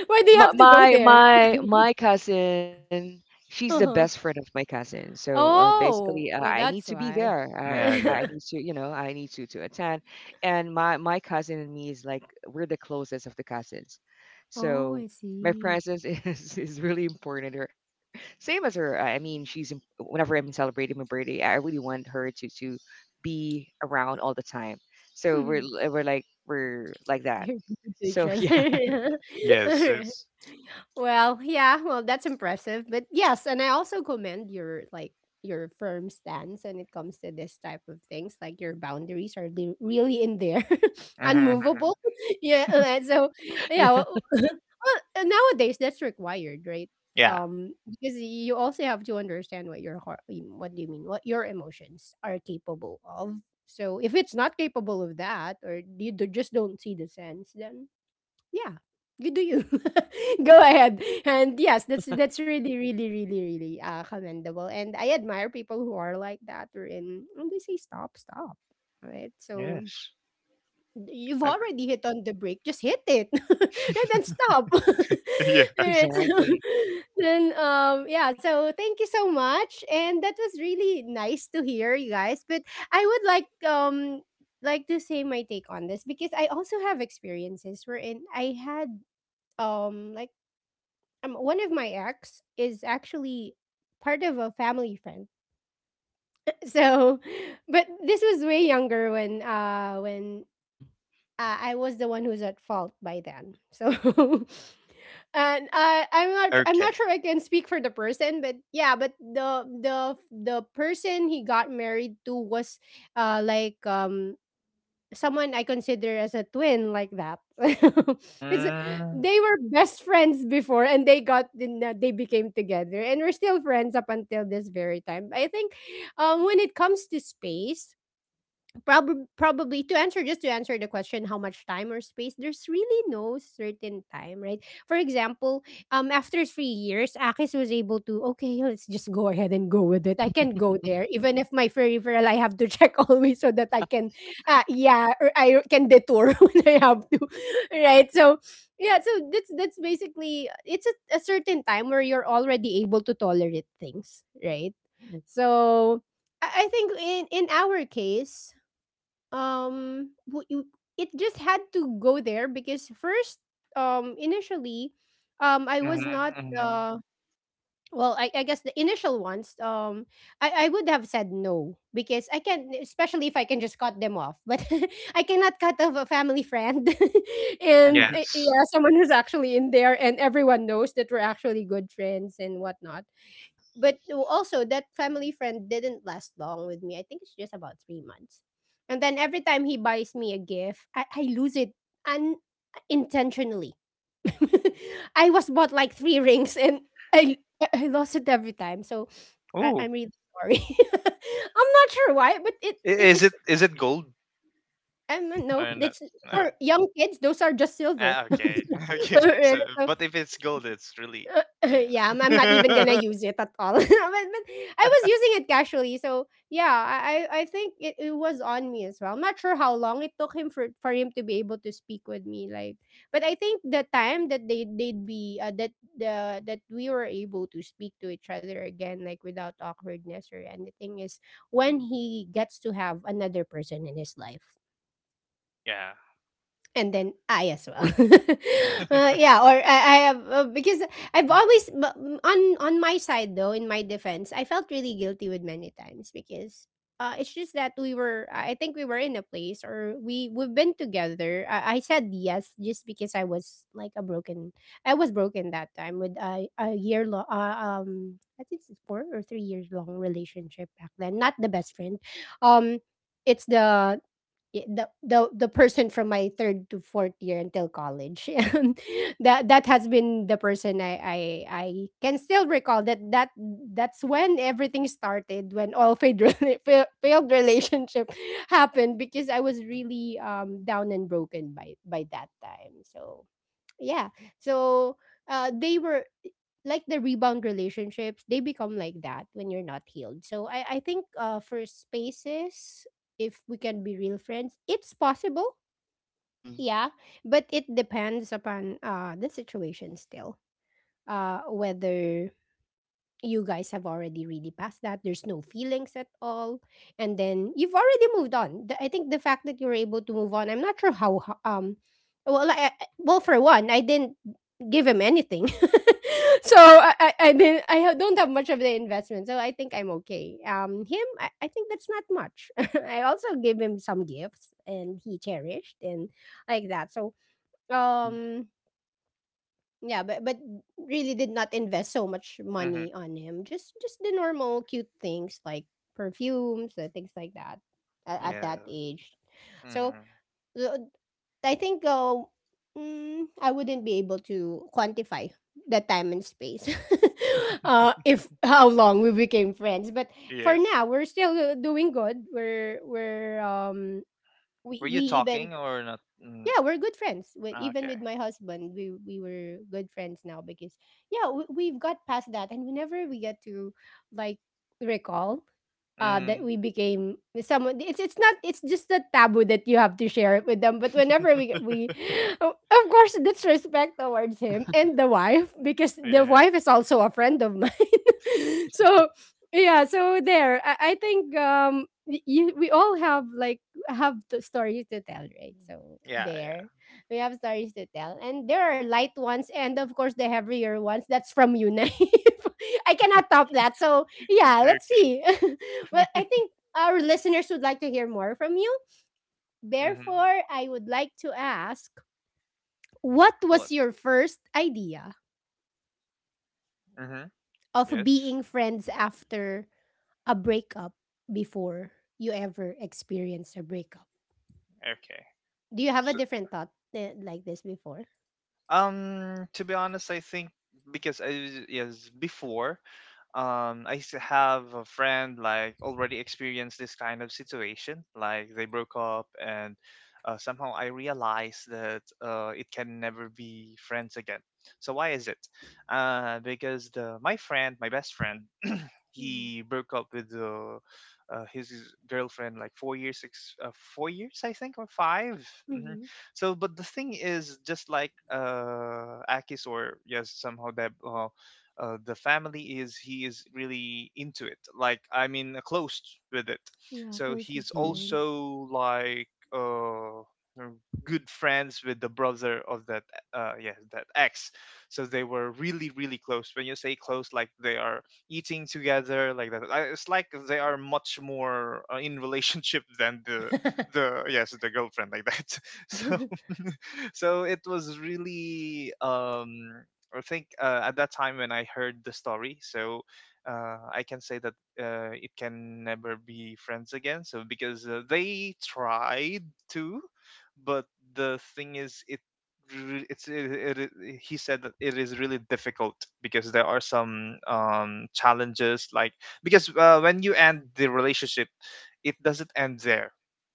S1: Why do you
S3: my
S1: have to go
S3: my
S1: there? *laughs*
S3: my my cousin, she's the best friend
S1: Uh-huh.
S3: of my cousin, so basically
S1: Oh,
S3: I
S1: oh,
S3: need to
S1: that's
S3: be there.
S1: why. *laughs*
S3: i
S2: Yeah. Yeah.
S3: i need to, you know, I need to attend. And my cousin and me is like we're the closest of the cousins.
S1: Oh,
S3: So
S1: I
S3: my
S1: see.
S3: presence *laughs*
S1: *laughs*
S3: is really important to her. Same as her. She's whenever I'm celebrating my birthday, I really want her to be around all the time. So we're
S1: Mm.
S3: we're like that.
S1: You're good to each
S3: So *laughs* yeah,
S1: other. *laughs* All
S2: Yes.
S1: right.
S2: Yes.
S1: Well, yeah, well, that's impressive. But yes, and I also commend your like your firm stance when it comes to this type of things. Like your boundaries are really in there, *laughs*
S2: hmm
S1: unmovable. *laughs* Yeah. And so
S3: yeah,
S1: yeah, *laughs* nowadays that's required, right?
S2: Yeah.
S1: Um, because you also have to understand what your heart, what do you mean, what your emotions are capable of. So if it's not capable of that, or you do, just don't see the sense, then yeah. You do you. *laughs* Go ahead. And yes, that's really, really, really, really commendable. And I admire people who are like that or in, and they say stop, stop. Right? So
S2: Yes.
S1: you've
S2: I agree.
S1: already hit on the brake, just hit it. *laughs* And
S2: *laughs*
S1: then stop. *laughs*
S2: Yeah.
S1: Alright. So
S3: exactly.
S1: *laughs* then yeah, so thank you so much. And that was really nice to hear you guys. But I would like to say my take on this because I also have experiences wherein I had um like one of my ex is actually part of a family friend. *laughs* So, but this was way younger when uh when
S3: Mm.
S1: uh, i was the one who's at fault by then. So *laughs* And I'm not
S2: Okay.
S1: sure I can speak for the person, but yeah, but the person he got married to was uh like um someone I consider as a twin, like that. *laughs* it's
S2: Mm,
S1: They were best friends before, and they got, they became together, and we're still friends up until this very time. I think when it comes to space, probably to answer, just to answer the question how much time or space, there's really no certain time, right? For example, after 3 years, Akis was able to, okay, let's just go ahead and go with it. I can go
S3: *laughs*
S1: there even if my peripheral, I have to check *laughs* always, so that I can, yeah, or I can detour *laughs* when I have to, right? So yeah, so that's basically, it's a certain time where you're already able to tolerate things, right? So I think in our case, um w- you- it just had to go there because first, initially, I was
S2: mhm,
S1: not
S2: mhm.
S1: the, well, I guess the initial ones, I would have said no because I can, especially if I can just cut them off, but *laughs* I cannot cut off a family friend. *laughs* And
S3: Nice.
S2: Yes.
S1: yeah, someone who's actually in there and everyone knows that we're actually good friends and whatnot. But also that family friend didn't last long with me. I think it's just about 3 months. And then every time he buys me a gift, I lose it unintentionally. *laughs* I was bought like three rings, and I lost it every time. So
S2: Oh,
S1: I'm really sorry. *laughs* I'm not sure why, but it, it
S2: is
S1: it's
S2: it gold
S1: I don't know.
S2: or not?
S1: That's
S2: No.
S1: for young kids, those are just silver.
S2: Ah, okay. *laughs*
S1: *laughs*
S2: Okay. So,
S1: So
S2: but if it's gold, it's really
S1: *laughs* yeah, I'm not
S2: yeah.
S1: even gonna use
S2: *laughs*
S1: it at all. *laughs* But I was using it casually, so yeah, I I think it was on me as well. I'm not sure how long it took him for him to be able to speak with me, like. But I think the time that they they'd be that the that we were able to speak to each other again, like without awkwardness or anything, is when he gets to have another person in his life,
S2: Yeah.
S1: and then I as well. *laughs*
S2: *laughs*
S1: Yeah, or I have because I've
S3: Mm.
S1: always on my side though, in my defense, I felt really guilty with many times because it's just that we were. I think we were in a place or we we've been together. I said yes just because I was like a broken. I was broken that time with a year long, I think it's 4 or 3 years long relationship back then. Not the best friend. Um, it's the, the person from my third to fourth year until college, *laughs* and that that has been the person I can still recall that that's when everything started, when all failed *laughs* failed relationship *laughs* happened because I was really down and broken by that time, so yeah. So they were like the rebound relationships, they become like that when you're not healed. So I think for spaces, if we can be real friends, it's possible,
S3: Mhm.
S1: yeah. But it depends upon the situation still, whether you guys have already really passed that, there's no feelings at all, and then you've already moved on. I think the fact that you were able to move on, I'm not sure how well, well, for one, I didn't give him anything. *laughs* So I didn't, don't have much of the investment. So I think I'm okay. Him, I think that's not much. *laughs* I also gave him some gifts, and he cherished and like that. So
S3: Mhm.
S1: um, yeah, but really did not invest so much
S2: hmm
S1: money on him. Just the normal cute things like perfumes and things like that
S3: Mhm.
S1: at
S2: Yeah.
S1: that age. So,
S2: hmm
S1: uh, I think, I wouldn't be able to quantify the time and space. *laughs* If how long we became friends, but for
S2: Yes.
S1: now we're still doing good. We're we're um
S2: Were
S1: we we
S2: you
S1: even,
S2: talking or not? Mm,
S1: yeah, we're good friends. With
S2: ah,
S1: even
S2: okay.
S1: with my husband, we were good friends now because yeah, we, we've got past that, and whenever we get to like recall that
S2: hmm
S1: we became someone, it's not it's just a taboo that you have to share it with them, but whenever we *gasps* *laughs* of course that's respect towards him
S3: Uh,
S1: and the wife, because the
S2: Yeah.
S1: wife is also a friend of mine. *laughs* So yeah, so there, I think we all have like have the stories to tell, right? So
S2: Yeah. Yeah.
S1: there, we have stories to tell, and there are light ones, and of course the heavier ones. That's from you, Naif. *laughs* I cannot top that. So yeah, let's
S2: Okay.
S1: see. *laughs* Well, I think our listeners would like to hear more from you.
S2: hmm
S1: Therefore, I would like to ask, what
S2: What?
S1: was your first idea
S2: Hmm
S1: of
S2: Yes.
S1: being friends after a breakup? Before you ever experience a breakup,
S2: Okay.
S1: do you have a
S2: So,
S1: different thought, like this before?
S2: to be honest, I think because yes, before have a friend like already experienced this kind of situation, like they broke up, and somehow I realized that it can never be friends again. So why is it? Because the my friend, my best friend, he broke up with his girlfriend like 4 years, six, 4 years I think, or 5. Hmm
S1: Mhm.
S2: So, but the thing is, just like, Akis, or yes, somehow that the family is he is really into it. Like I mean, close with it.
S1: Yeah,
S2: So
S1: close-knit
S2: he's
S3: Mhm.
S1: friends.
S2: also like. Uh, uh, Good friends with the brother of that yeah that ex. So they were really really close. When you say close, like they are eating together like that. I, it's like they are much more in relationship than the
S1: *laughs*
S2: the girlfriend like that. *laughs* So *laughs* so it was really I think, at that time when I heard the story, so I can say that it can never be friends again. So because they tried to, but the thing is, it re- it's it, it, it- he said that it is really difficult, because there are some challenges like because when you end the relationship, it doesn't end there.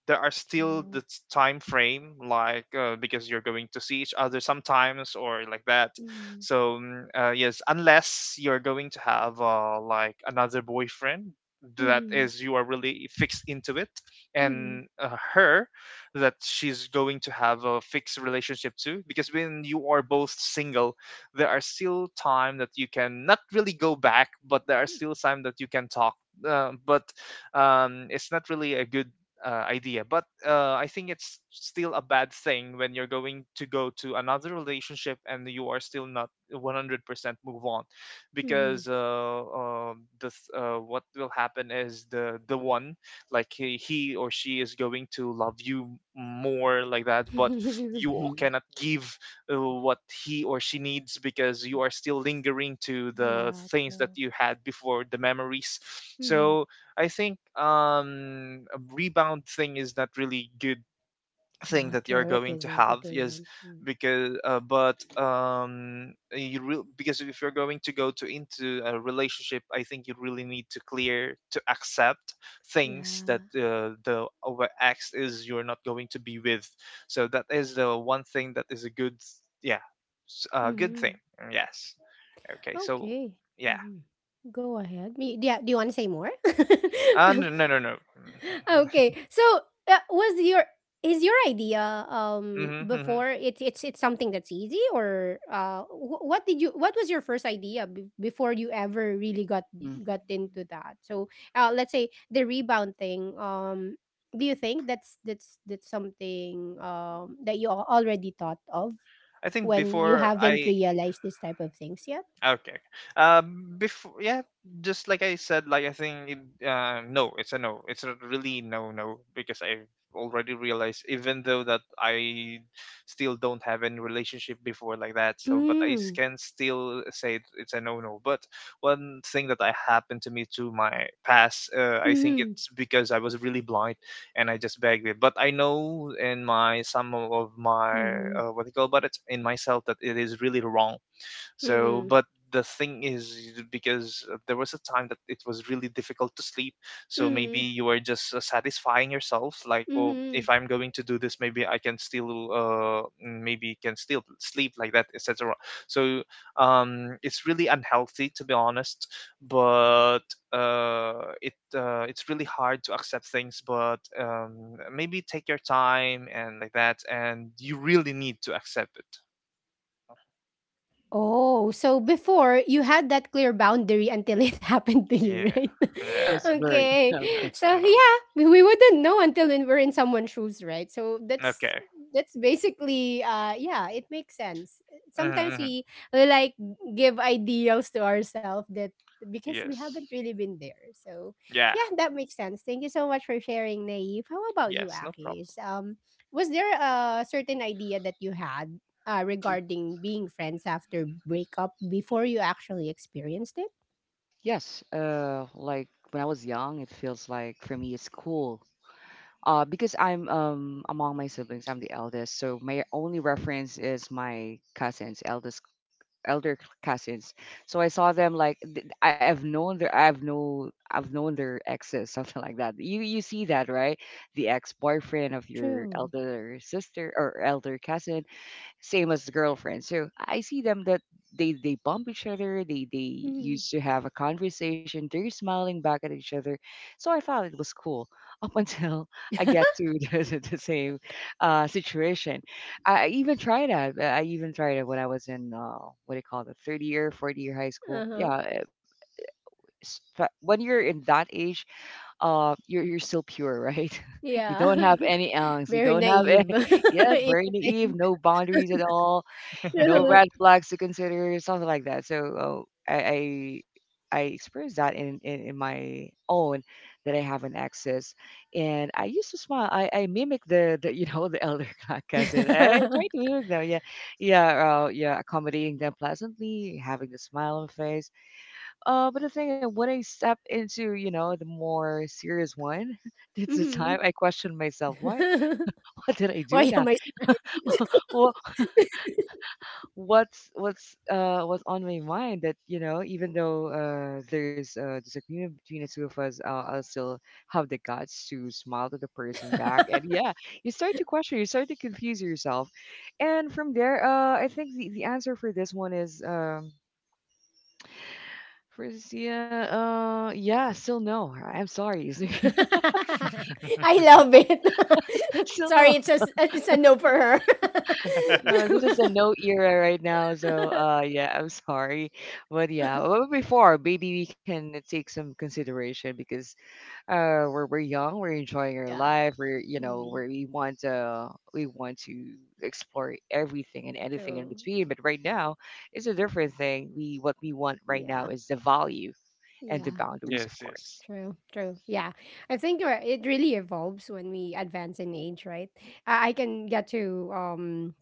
S2: There are still
S1: True.
S2: time frame, like because you're going to see each other sometimes or like that.
S1: Mhm.
S2: So mm, yes, unless you're going to have, like another boyfriend that
S1: Mhm.
S2: is you are really fixed into it,
S1: Mhm.
S2: and her that she's going to have a fixed relationship too, because when you are both single, there are still time that you can not really go back, but there are still time that you can talk. But it's not really a good idea. But, I think it's still a bad thing when you're going to go to another relationship and you are still not 100% move on, because
S1: Mhm.
S2: this, what will happen is the one like he or she is going to love you more like that, but
S1: *laughs*
S3: Mhm.
S2: you
S3: Mhm.
S2: cannot give, what he or she needs, because you are still lingering to the
S1: Yeah,
S2: things that
S1: true.
S2: you had before, the memories.
S1: Mhm.
S2: So I think a rebound thing is not really good thing
S1: Yeah,
S2: that you're
S1: true. It
S2: going to
S1: isn't.
S2: have
S1: It
S2: is
S1: isn't. Mm.
S2: because but you because if you're going to go to into a relationship, I think you really need to clear to accept things that,
S1: Yeah.
S2: the over x is you're not going to be with. So that is the one thing that is a good yeah good thing.
S1: Mhm.
S2: Yes, okay, so
S1: Okay.
S2: yeah.
S1: Mhm. Go ahead. Do you, do you want to say more? *laughs*
S2: No.
S1: Okay. So was your is your idea
S2: *laughs* hmm
S1: before, it's something that's easy, or what did you, what was your first idea before you ever really got
S3: *laughs*
S1: into that? So let's say the rebound thing, do you think that's something that you already thought of
S2: I think
S1: when you
S2: before
S1: haven't
S2: I.
S1: realized this type of things?
S2: Okay. Okay. Before, yeah, just like I said, like I think, it, no, it's a no. It's a really no, no, because I already realized, even though that I still don't have any relationship before like that, so but
S1: 嗯
S2: can still say it, it's a no, no. But one thing that I happened to me to my past, I think
S1: 嗯
S2: it's because I was really blind and I just begged it. But I know in my some of my,
S1: 嗯嗯
S2: what do you call about it in myself that it is really wrong, so,
S1: 嗯嗯
S2: but the thing is, because there was a time that it was really difficult to sleep, so maybe
S1: 嗯
S2: you are just satisfying yourself, like,
S1: 嗯
S2: oh, if
S1: 嗯。
S2: I'm going to do this, maybe I can still, maybe can still sleep like that, etc. So, it's really unhealthy, to be honest, but it's really hard to accept things. But, maybe take your time and like that, and you really need to accept it.
S1: Oh, so before you had that clear boundary until it *laughs* happened to
S2: Yeah,
S1: you, right?
S2: yeah.
S3: Comes
S1: *laughs*
S3: blurred.
S1: Okay.
S3: Okay.
S2: Yes,
S1: So
S2: and mom.
S1: yeah, we wouldn't know until when we're in someone's shoes, right? So
S2: Okay.
S1: that's basically, yeah, it makes sense. Sometimes
S2: hmm hmm
S1: we like give ideals to ourselves that because we
S2: Yes.
S1: haven't really been there. So
S2: Yeah.
S1: yeah, that makes sense. Thank you so much for sharing, Naive. How about you,
S2: Yes. No problem.
S1: Akis? Was there a certain idea that you had
S3: Mhm.
S1: regarding being friends after breakup before you actually experienced it?
S3: Yes, like when I was young, it feels like for me it's cool. Because I'm among my siblings, I'm the eldest, so my only reference is my cousin's eldest elder cousins. So I saw them like have known their I've known their exes, *laughs* something like that. You see that, right? The ex boyfriend of your
S1: True.
S3: elder sister or elder cousin, same as the girlfriend. So I see them that they bump each other. They
S1: Mhm.
S3: used to have a conversation. They're smiling back at each other. So I thought it was cool up until *laughs* I get to *laughs* the same situation. I even tried that. I even tried it when I was in what do you call it, the third year, fourth year high school. Yeah, when you're in that age, you're still pure, right? *laughs* You
S1: Yeah.
S3: don't have any
S1: *laughs*
S3: angst. You
S1: Very
S3: don't have any,
S1: naive. *laughs*
S3: *laughs* yeah, very naive, no boundaries at all,
S1: Yeah,
S3: no red
S1: true.
S3: flags to consider, something like that. So I experienced that in my own, that I have an access, and I used to smile. I mimic the *laughs* you know the elder *laughs* cousin. I try to
S1: *laughs*
S3: mimic them. Yeah, yeah, yeah, accommodating them pleasantly, having the smile on the face. But the thing is, when I step into, you know, the more serious one, *laughs* that's the time
S1: hmm
S3: I question myself. Why?
S1: *laughs*
S3: *laughs* Why did I do
S1: Why am
S3: that?
S1: I *laughs*
S3: What's on my mind that, you know, even though there's a disagreement between the two of us, I'll still have the guts to smile to the person back. And yeah,
S1: *laughs*
S3: you start to question, you start to confuse yourself. And from there, I think the answer for this one is for Sia, yeah, still no, I'm sorry.
S1: I
S2: *laughs*
S1: love it.
S3: *laughs*
S1: *laughs*
S3: Still
S1: Sorry,
S3: no.
S1: it's a no for her.
S3: No, this is the no era right now, so
S1: *laughs*
S3: yeah, I'm sorry. But yeah, well, before maybe we can take some consideration because we're young, we're enjoying our
S1: Yeah.
S3: life, we're you know,
S1: Mm,
S3: where we want to, we want to explore everything and anything in
S1: true.
S3: between. But right now it's a different thing. We what we want right now
S1: Yeah.
S3: is the value and the
S1: Yeah.
S3: boundaries, of
S2: Yes.
S3: course.
S2: Yes.
S1: True, true. Yeah. I think you it really evolves when we advance in age, right? I can get to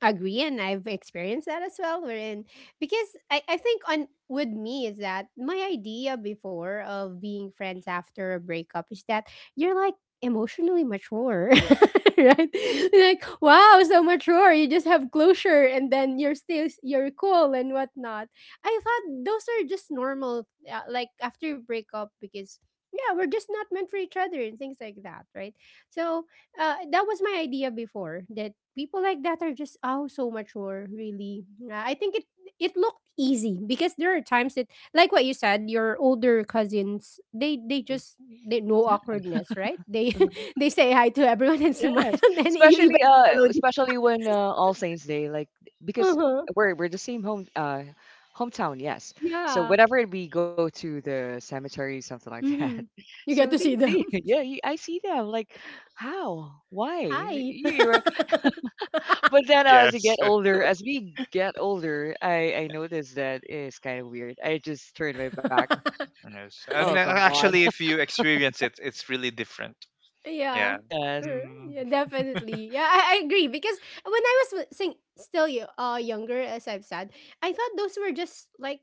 S1: agree and I've experienced that as well wherein because I think on with me is that my idea before of being friends after a breakup is that you're like emotionally mature, *laughs* right, like wow, so mature, you just have closure and then you're still you're cool and whatnot. I thought those are just normal, like after you break up because yeah we're just not meant for each other and things like that, right? So that was my idea before, that people like that are just oh so mature, really. I think it it looked easy because there are times that like what you said your older cousins, they
S3: Mhm.
S1: just they no awkwardness, right? They
S3: Yeah.
S1: *laughs* they say hi to everyone and smile
S3: Yes,
S1: *laughs* and you
S3: especially
S1: even follow them.
S3: especially when, All Saints Day, like because
S1: Uh-huh.
S3: we're the same home hometown, yes. So
S1: Yeah.
S3: whenever we go to the cemetery, something like that,
S1: Mm-hmm.
S3: *laughs*
S1: You
S3: so
S1: get to see them
S3: they *laughs* yeah, you, I see them like how why
S1: *laughs*
S3: you,
S1: hi
S3: you. But then, as I get
S2: Yes. *laughs*
S3: older, as we get older, I notice that it's kind of weird. I just turn my back.
S1: *laughs*
S2: Yes.
S3: Oh
S2: And
S3: come on,
S2: actually, if you experience it, it's really different.
S1: Yeah.
S3: *laughs*
S2: Yeah.
S3: yes,
S2: Mm,
S1: Yeah, definitely. Yeah, I agree because when I was younger, as I've said, I thought those were just like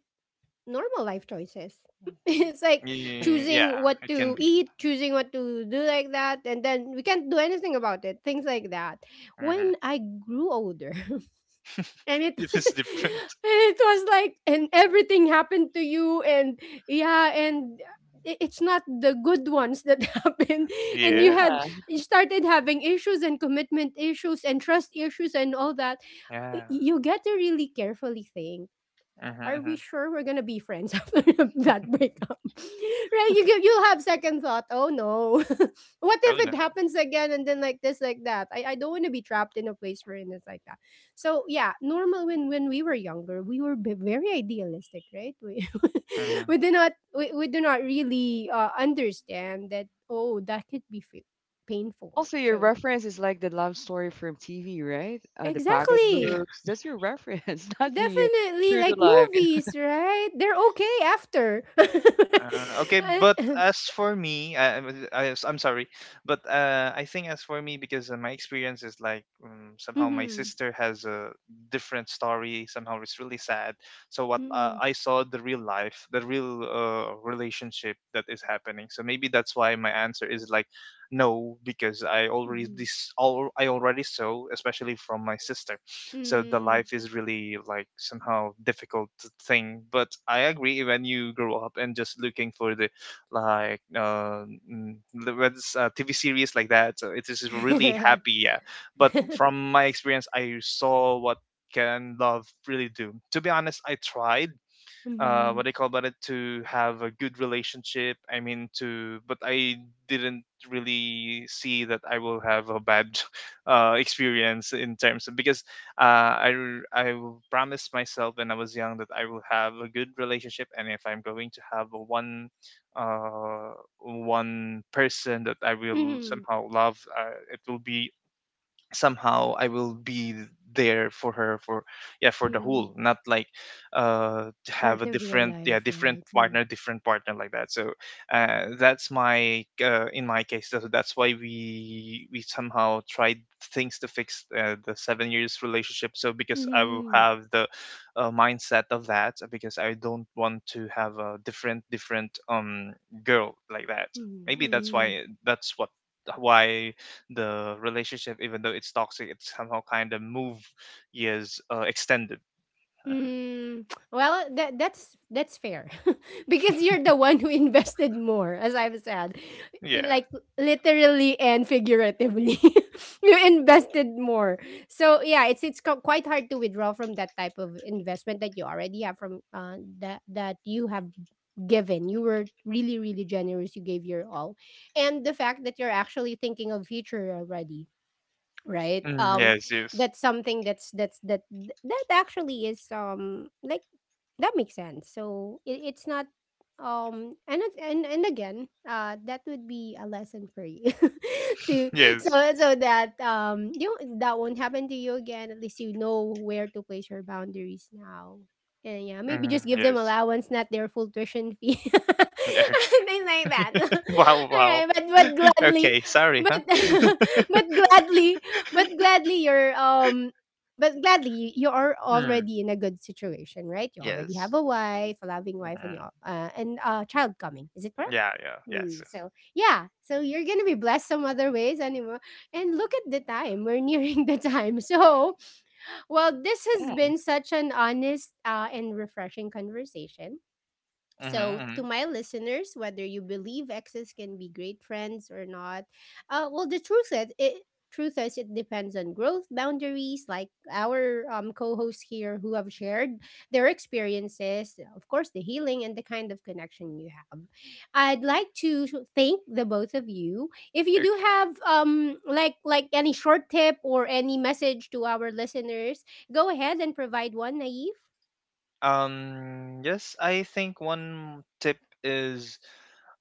S1: normal life choices. *laughs* It's like choosing
S2: yeah.
S1: what
S2: It can
S1: to
S2: be.
S1: eat, choosing what to do like that, and then we can't do anything about it. Things like that.
S2: Hmm *laughs*
S1: When I grew older, *laughs* and it *laughs*
S2: It is
S1: and
S2: different.
S1: it was like and everything happened to you and yeah and it's not the good ones that *laughs* happened
S2: *laughs*
S1: and you had
S3: yeah.
S2: Yes.
S1: you started having issues and commitment issues and trust issues and all that.
S2: Yeah.
S1: You get to really carefully think, are
S2: Mm-hmm.
S1: we sure we're gonna be friends *laughs* after that breakup? *laughs* Right? You give you'll have second thought. Oh no, *laughs* what
S2: Oh
S1: if
S2: no.
S1: it happens again and then like this, like that? I don't want to be trapped in a place where it's like that. So yeah, normal. When we were younger, we were very idealistic, right? We *laughs*
S2: hmm
S1: we do not really understand that oh that could be painful.
S3: Also, your
S1: So
S3: reference is like the love story from TV, right? The
S1: exactly.
S3: pocketbooks. That's your reference, *laughs* not the
S1: Definitely,
S3: true to
S1: like
S3: life.
S1: movies, right? They're okay after. *laughs*
S2: Okay, but
S1: Mm-hmm.
S2: as for me, I'm sorry, but I think as for me, because my experience is like, somehow my sister has a different story. Somehow it's really sad. So what,
S1: Mm-hmm.
S2: I saw the real life, the real relationship that is happening. So maybe that's why my answer is like no, because I already
S1: Mm-hmm.
S2: this all I already saw, especially from my sister. So the
S1: Mm-hmm.
S2: life is really like somehow difficult thing. But I agree when you grow up and just looking for the like, mm, the what's, TV series like that, so it is really happy. Yeah, but
S1: Mm-hmm.
S2: from my experience, I saw what can love really do. To be honest, I tried, what I
S1: *laughs*
S2: call about it, to have a good relationship. I mean, to but I didn't really see that I will have a bad *laughs* experience, in terms of because uh, I promised myself when I was young that I will have a good relationship, and if I'm going to have a one, uh, one person that I will somehow love, it will be somehow I will be there for her for yeah for the
S1: Mm-hmm.
S2: whole, not like to have a
S1: Part of your
S2: different yeah
S1: life, right? Mm-hmm.
S2: different partner like that. So that's my, in my case, that's why we somehow tried things to fix, the 7 years relationship, so because I will
S1: Mm-hmm.
S2: have the, mindset of that, because I don't want to have a different girl like that.
S1: Mm-hmm,
S2: Maybe that's
S1: mm-hmm.
S2: why that's what why the relationship, even though it's toxic, it somehow kind of move years, extended.
S1: Mm, well, that that's fair *laughs* because you're the one who *laughs* invested more, as I've said, in
S2: Yeah.
S1: like literally and figuratively, *laughs* you invested more. So yeah, it's quite hard to withdraw from that type of investment that you already have from that you have given. You were really really generous. You gave your all, and the fact that you're actually thinking of future already, right?
S2: Mm,
S1: Um,
S2: yes. Yes.
S1: that's something that's that actually is um, like, that makes sense. So it's not um. And and again, that would be a lesson for you *laughs* to, so
S2: Yes.
S1: so that um, you that won't happen to you again. At least you know where to place your boundaries now, and yeah, maybe
S2: Mm,
S1: just give them
S2: yes.
S1: allowance, not their full tuition fee. *laughs*
S2: *laughs*
S1: Things like that. *laughs*
S2: Wow.
S1: All
S2: Wow.
S1: right, but gladly.
S2: Okay. Sorry.
S1: But
S2: Huh.
S1: *laughs*
S3: *laughs*
S1: but gladly, but gladly you're um, but gladly you you are
S2: Mm,
S1: already in a good situation, right? You already
S2: yes.
S1: have a wife, a loving wife, and
S2: hmm
S1: you and a child coming, is it correct?
S2: Yeah. Yeah. Yes.
S1: Hmm,
S2: Yes.
S1: so yeah, so you're gonna be blessed some other ways anymore. And look at the time, we're *laughs* nearing the time. *laughs* So well, this has
S3: Yeah.
S1: been such an honest and refreshing conversation.
S2: Mm-hmm,
S1: So,
S2: mm-hmm.
S1: to my listeners, whether you believe exes can be great friends or not, well, the truth is it depends on growth boundaries. Like our co-hosts here who have shared their experiences, of course, the healing and the kind of connection you have. I'd like to thank the both of you. If you do
S2: Okay.
S1: have um, like any short tip or any message to our listeners, go ahead and provide one, Naive.
S2: Yes, I think one tip is,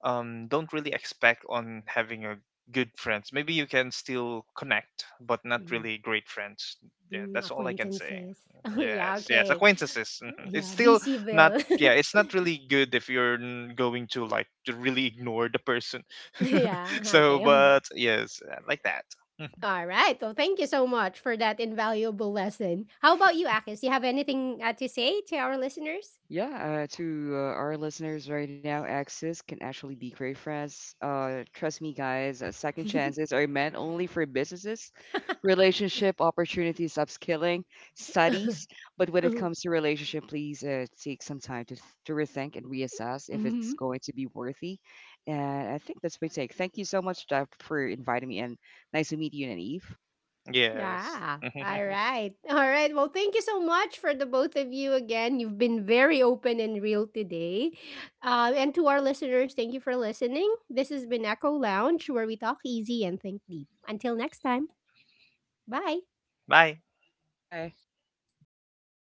S2: don't really expect on having a good friends. Maybe you can still connect, but not really great friends. Yeah,
S1: Hmm,
S2: that's all I can say.
S1: acquaintances. *laughs* Oh, yeah,
S2: Yes, yes,
S1: okay.
S2: acquaintances. Mhm. It's
S1: Yeah, be
S2: still not.
S1: *laughs*
S2: Yeah, it's not really good if you're going to like to really ignore the person.
S1: yeah,
S2: *laughs* So,
S1: okay. *laughs*
S2: but yes, like that. *laughs*
S1: All right. Well, thank you so much for that invaluable lesson. How about you, Akis? Do you have anything to say to our listeners?
S3: Yeah, to our listeners right now, exes can actually be great friends. Trust me, guys, second chances are meant only for businesses, relationship opportunities, upskilling,
S1: *laughs*
S3: studies. But when it
S1: Mm-hmm.
S3: comes to relationship, please take some time to, to rethink and reassess if it's going to be worthy. And I think that's my take. Thank you so much, Jeff, for inviting me, and nice to meet you, Naive.
S2: Yes.
S1: Yeah. All
S2: *laughs*
S1: right. All right. Well, thank you so much for the both of you again. You've been very open and real today. And to our listeners, thank you for listening. This has been Echo Lounge, where we talk easy and think deep. Until next time, bye.
S2: Bye.
S3: Bye.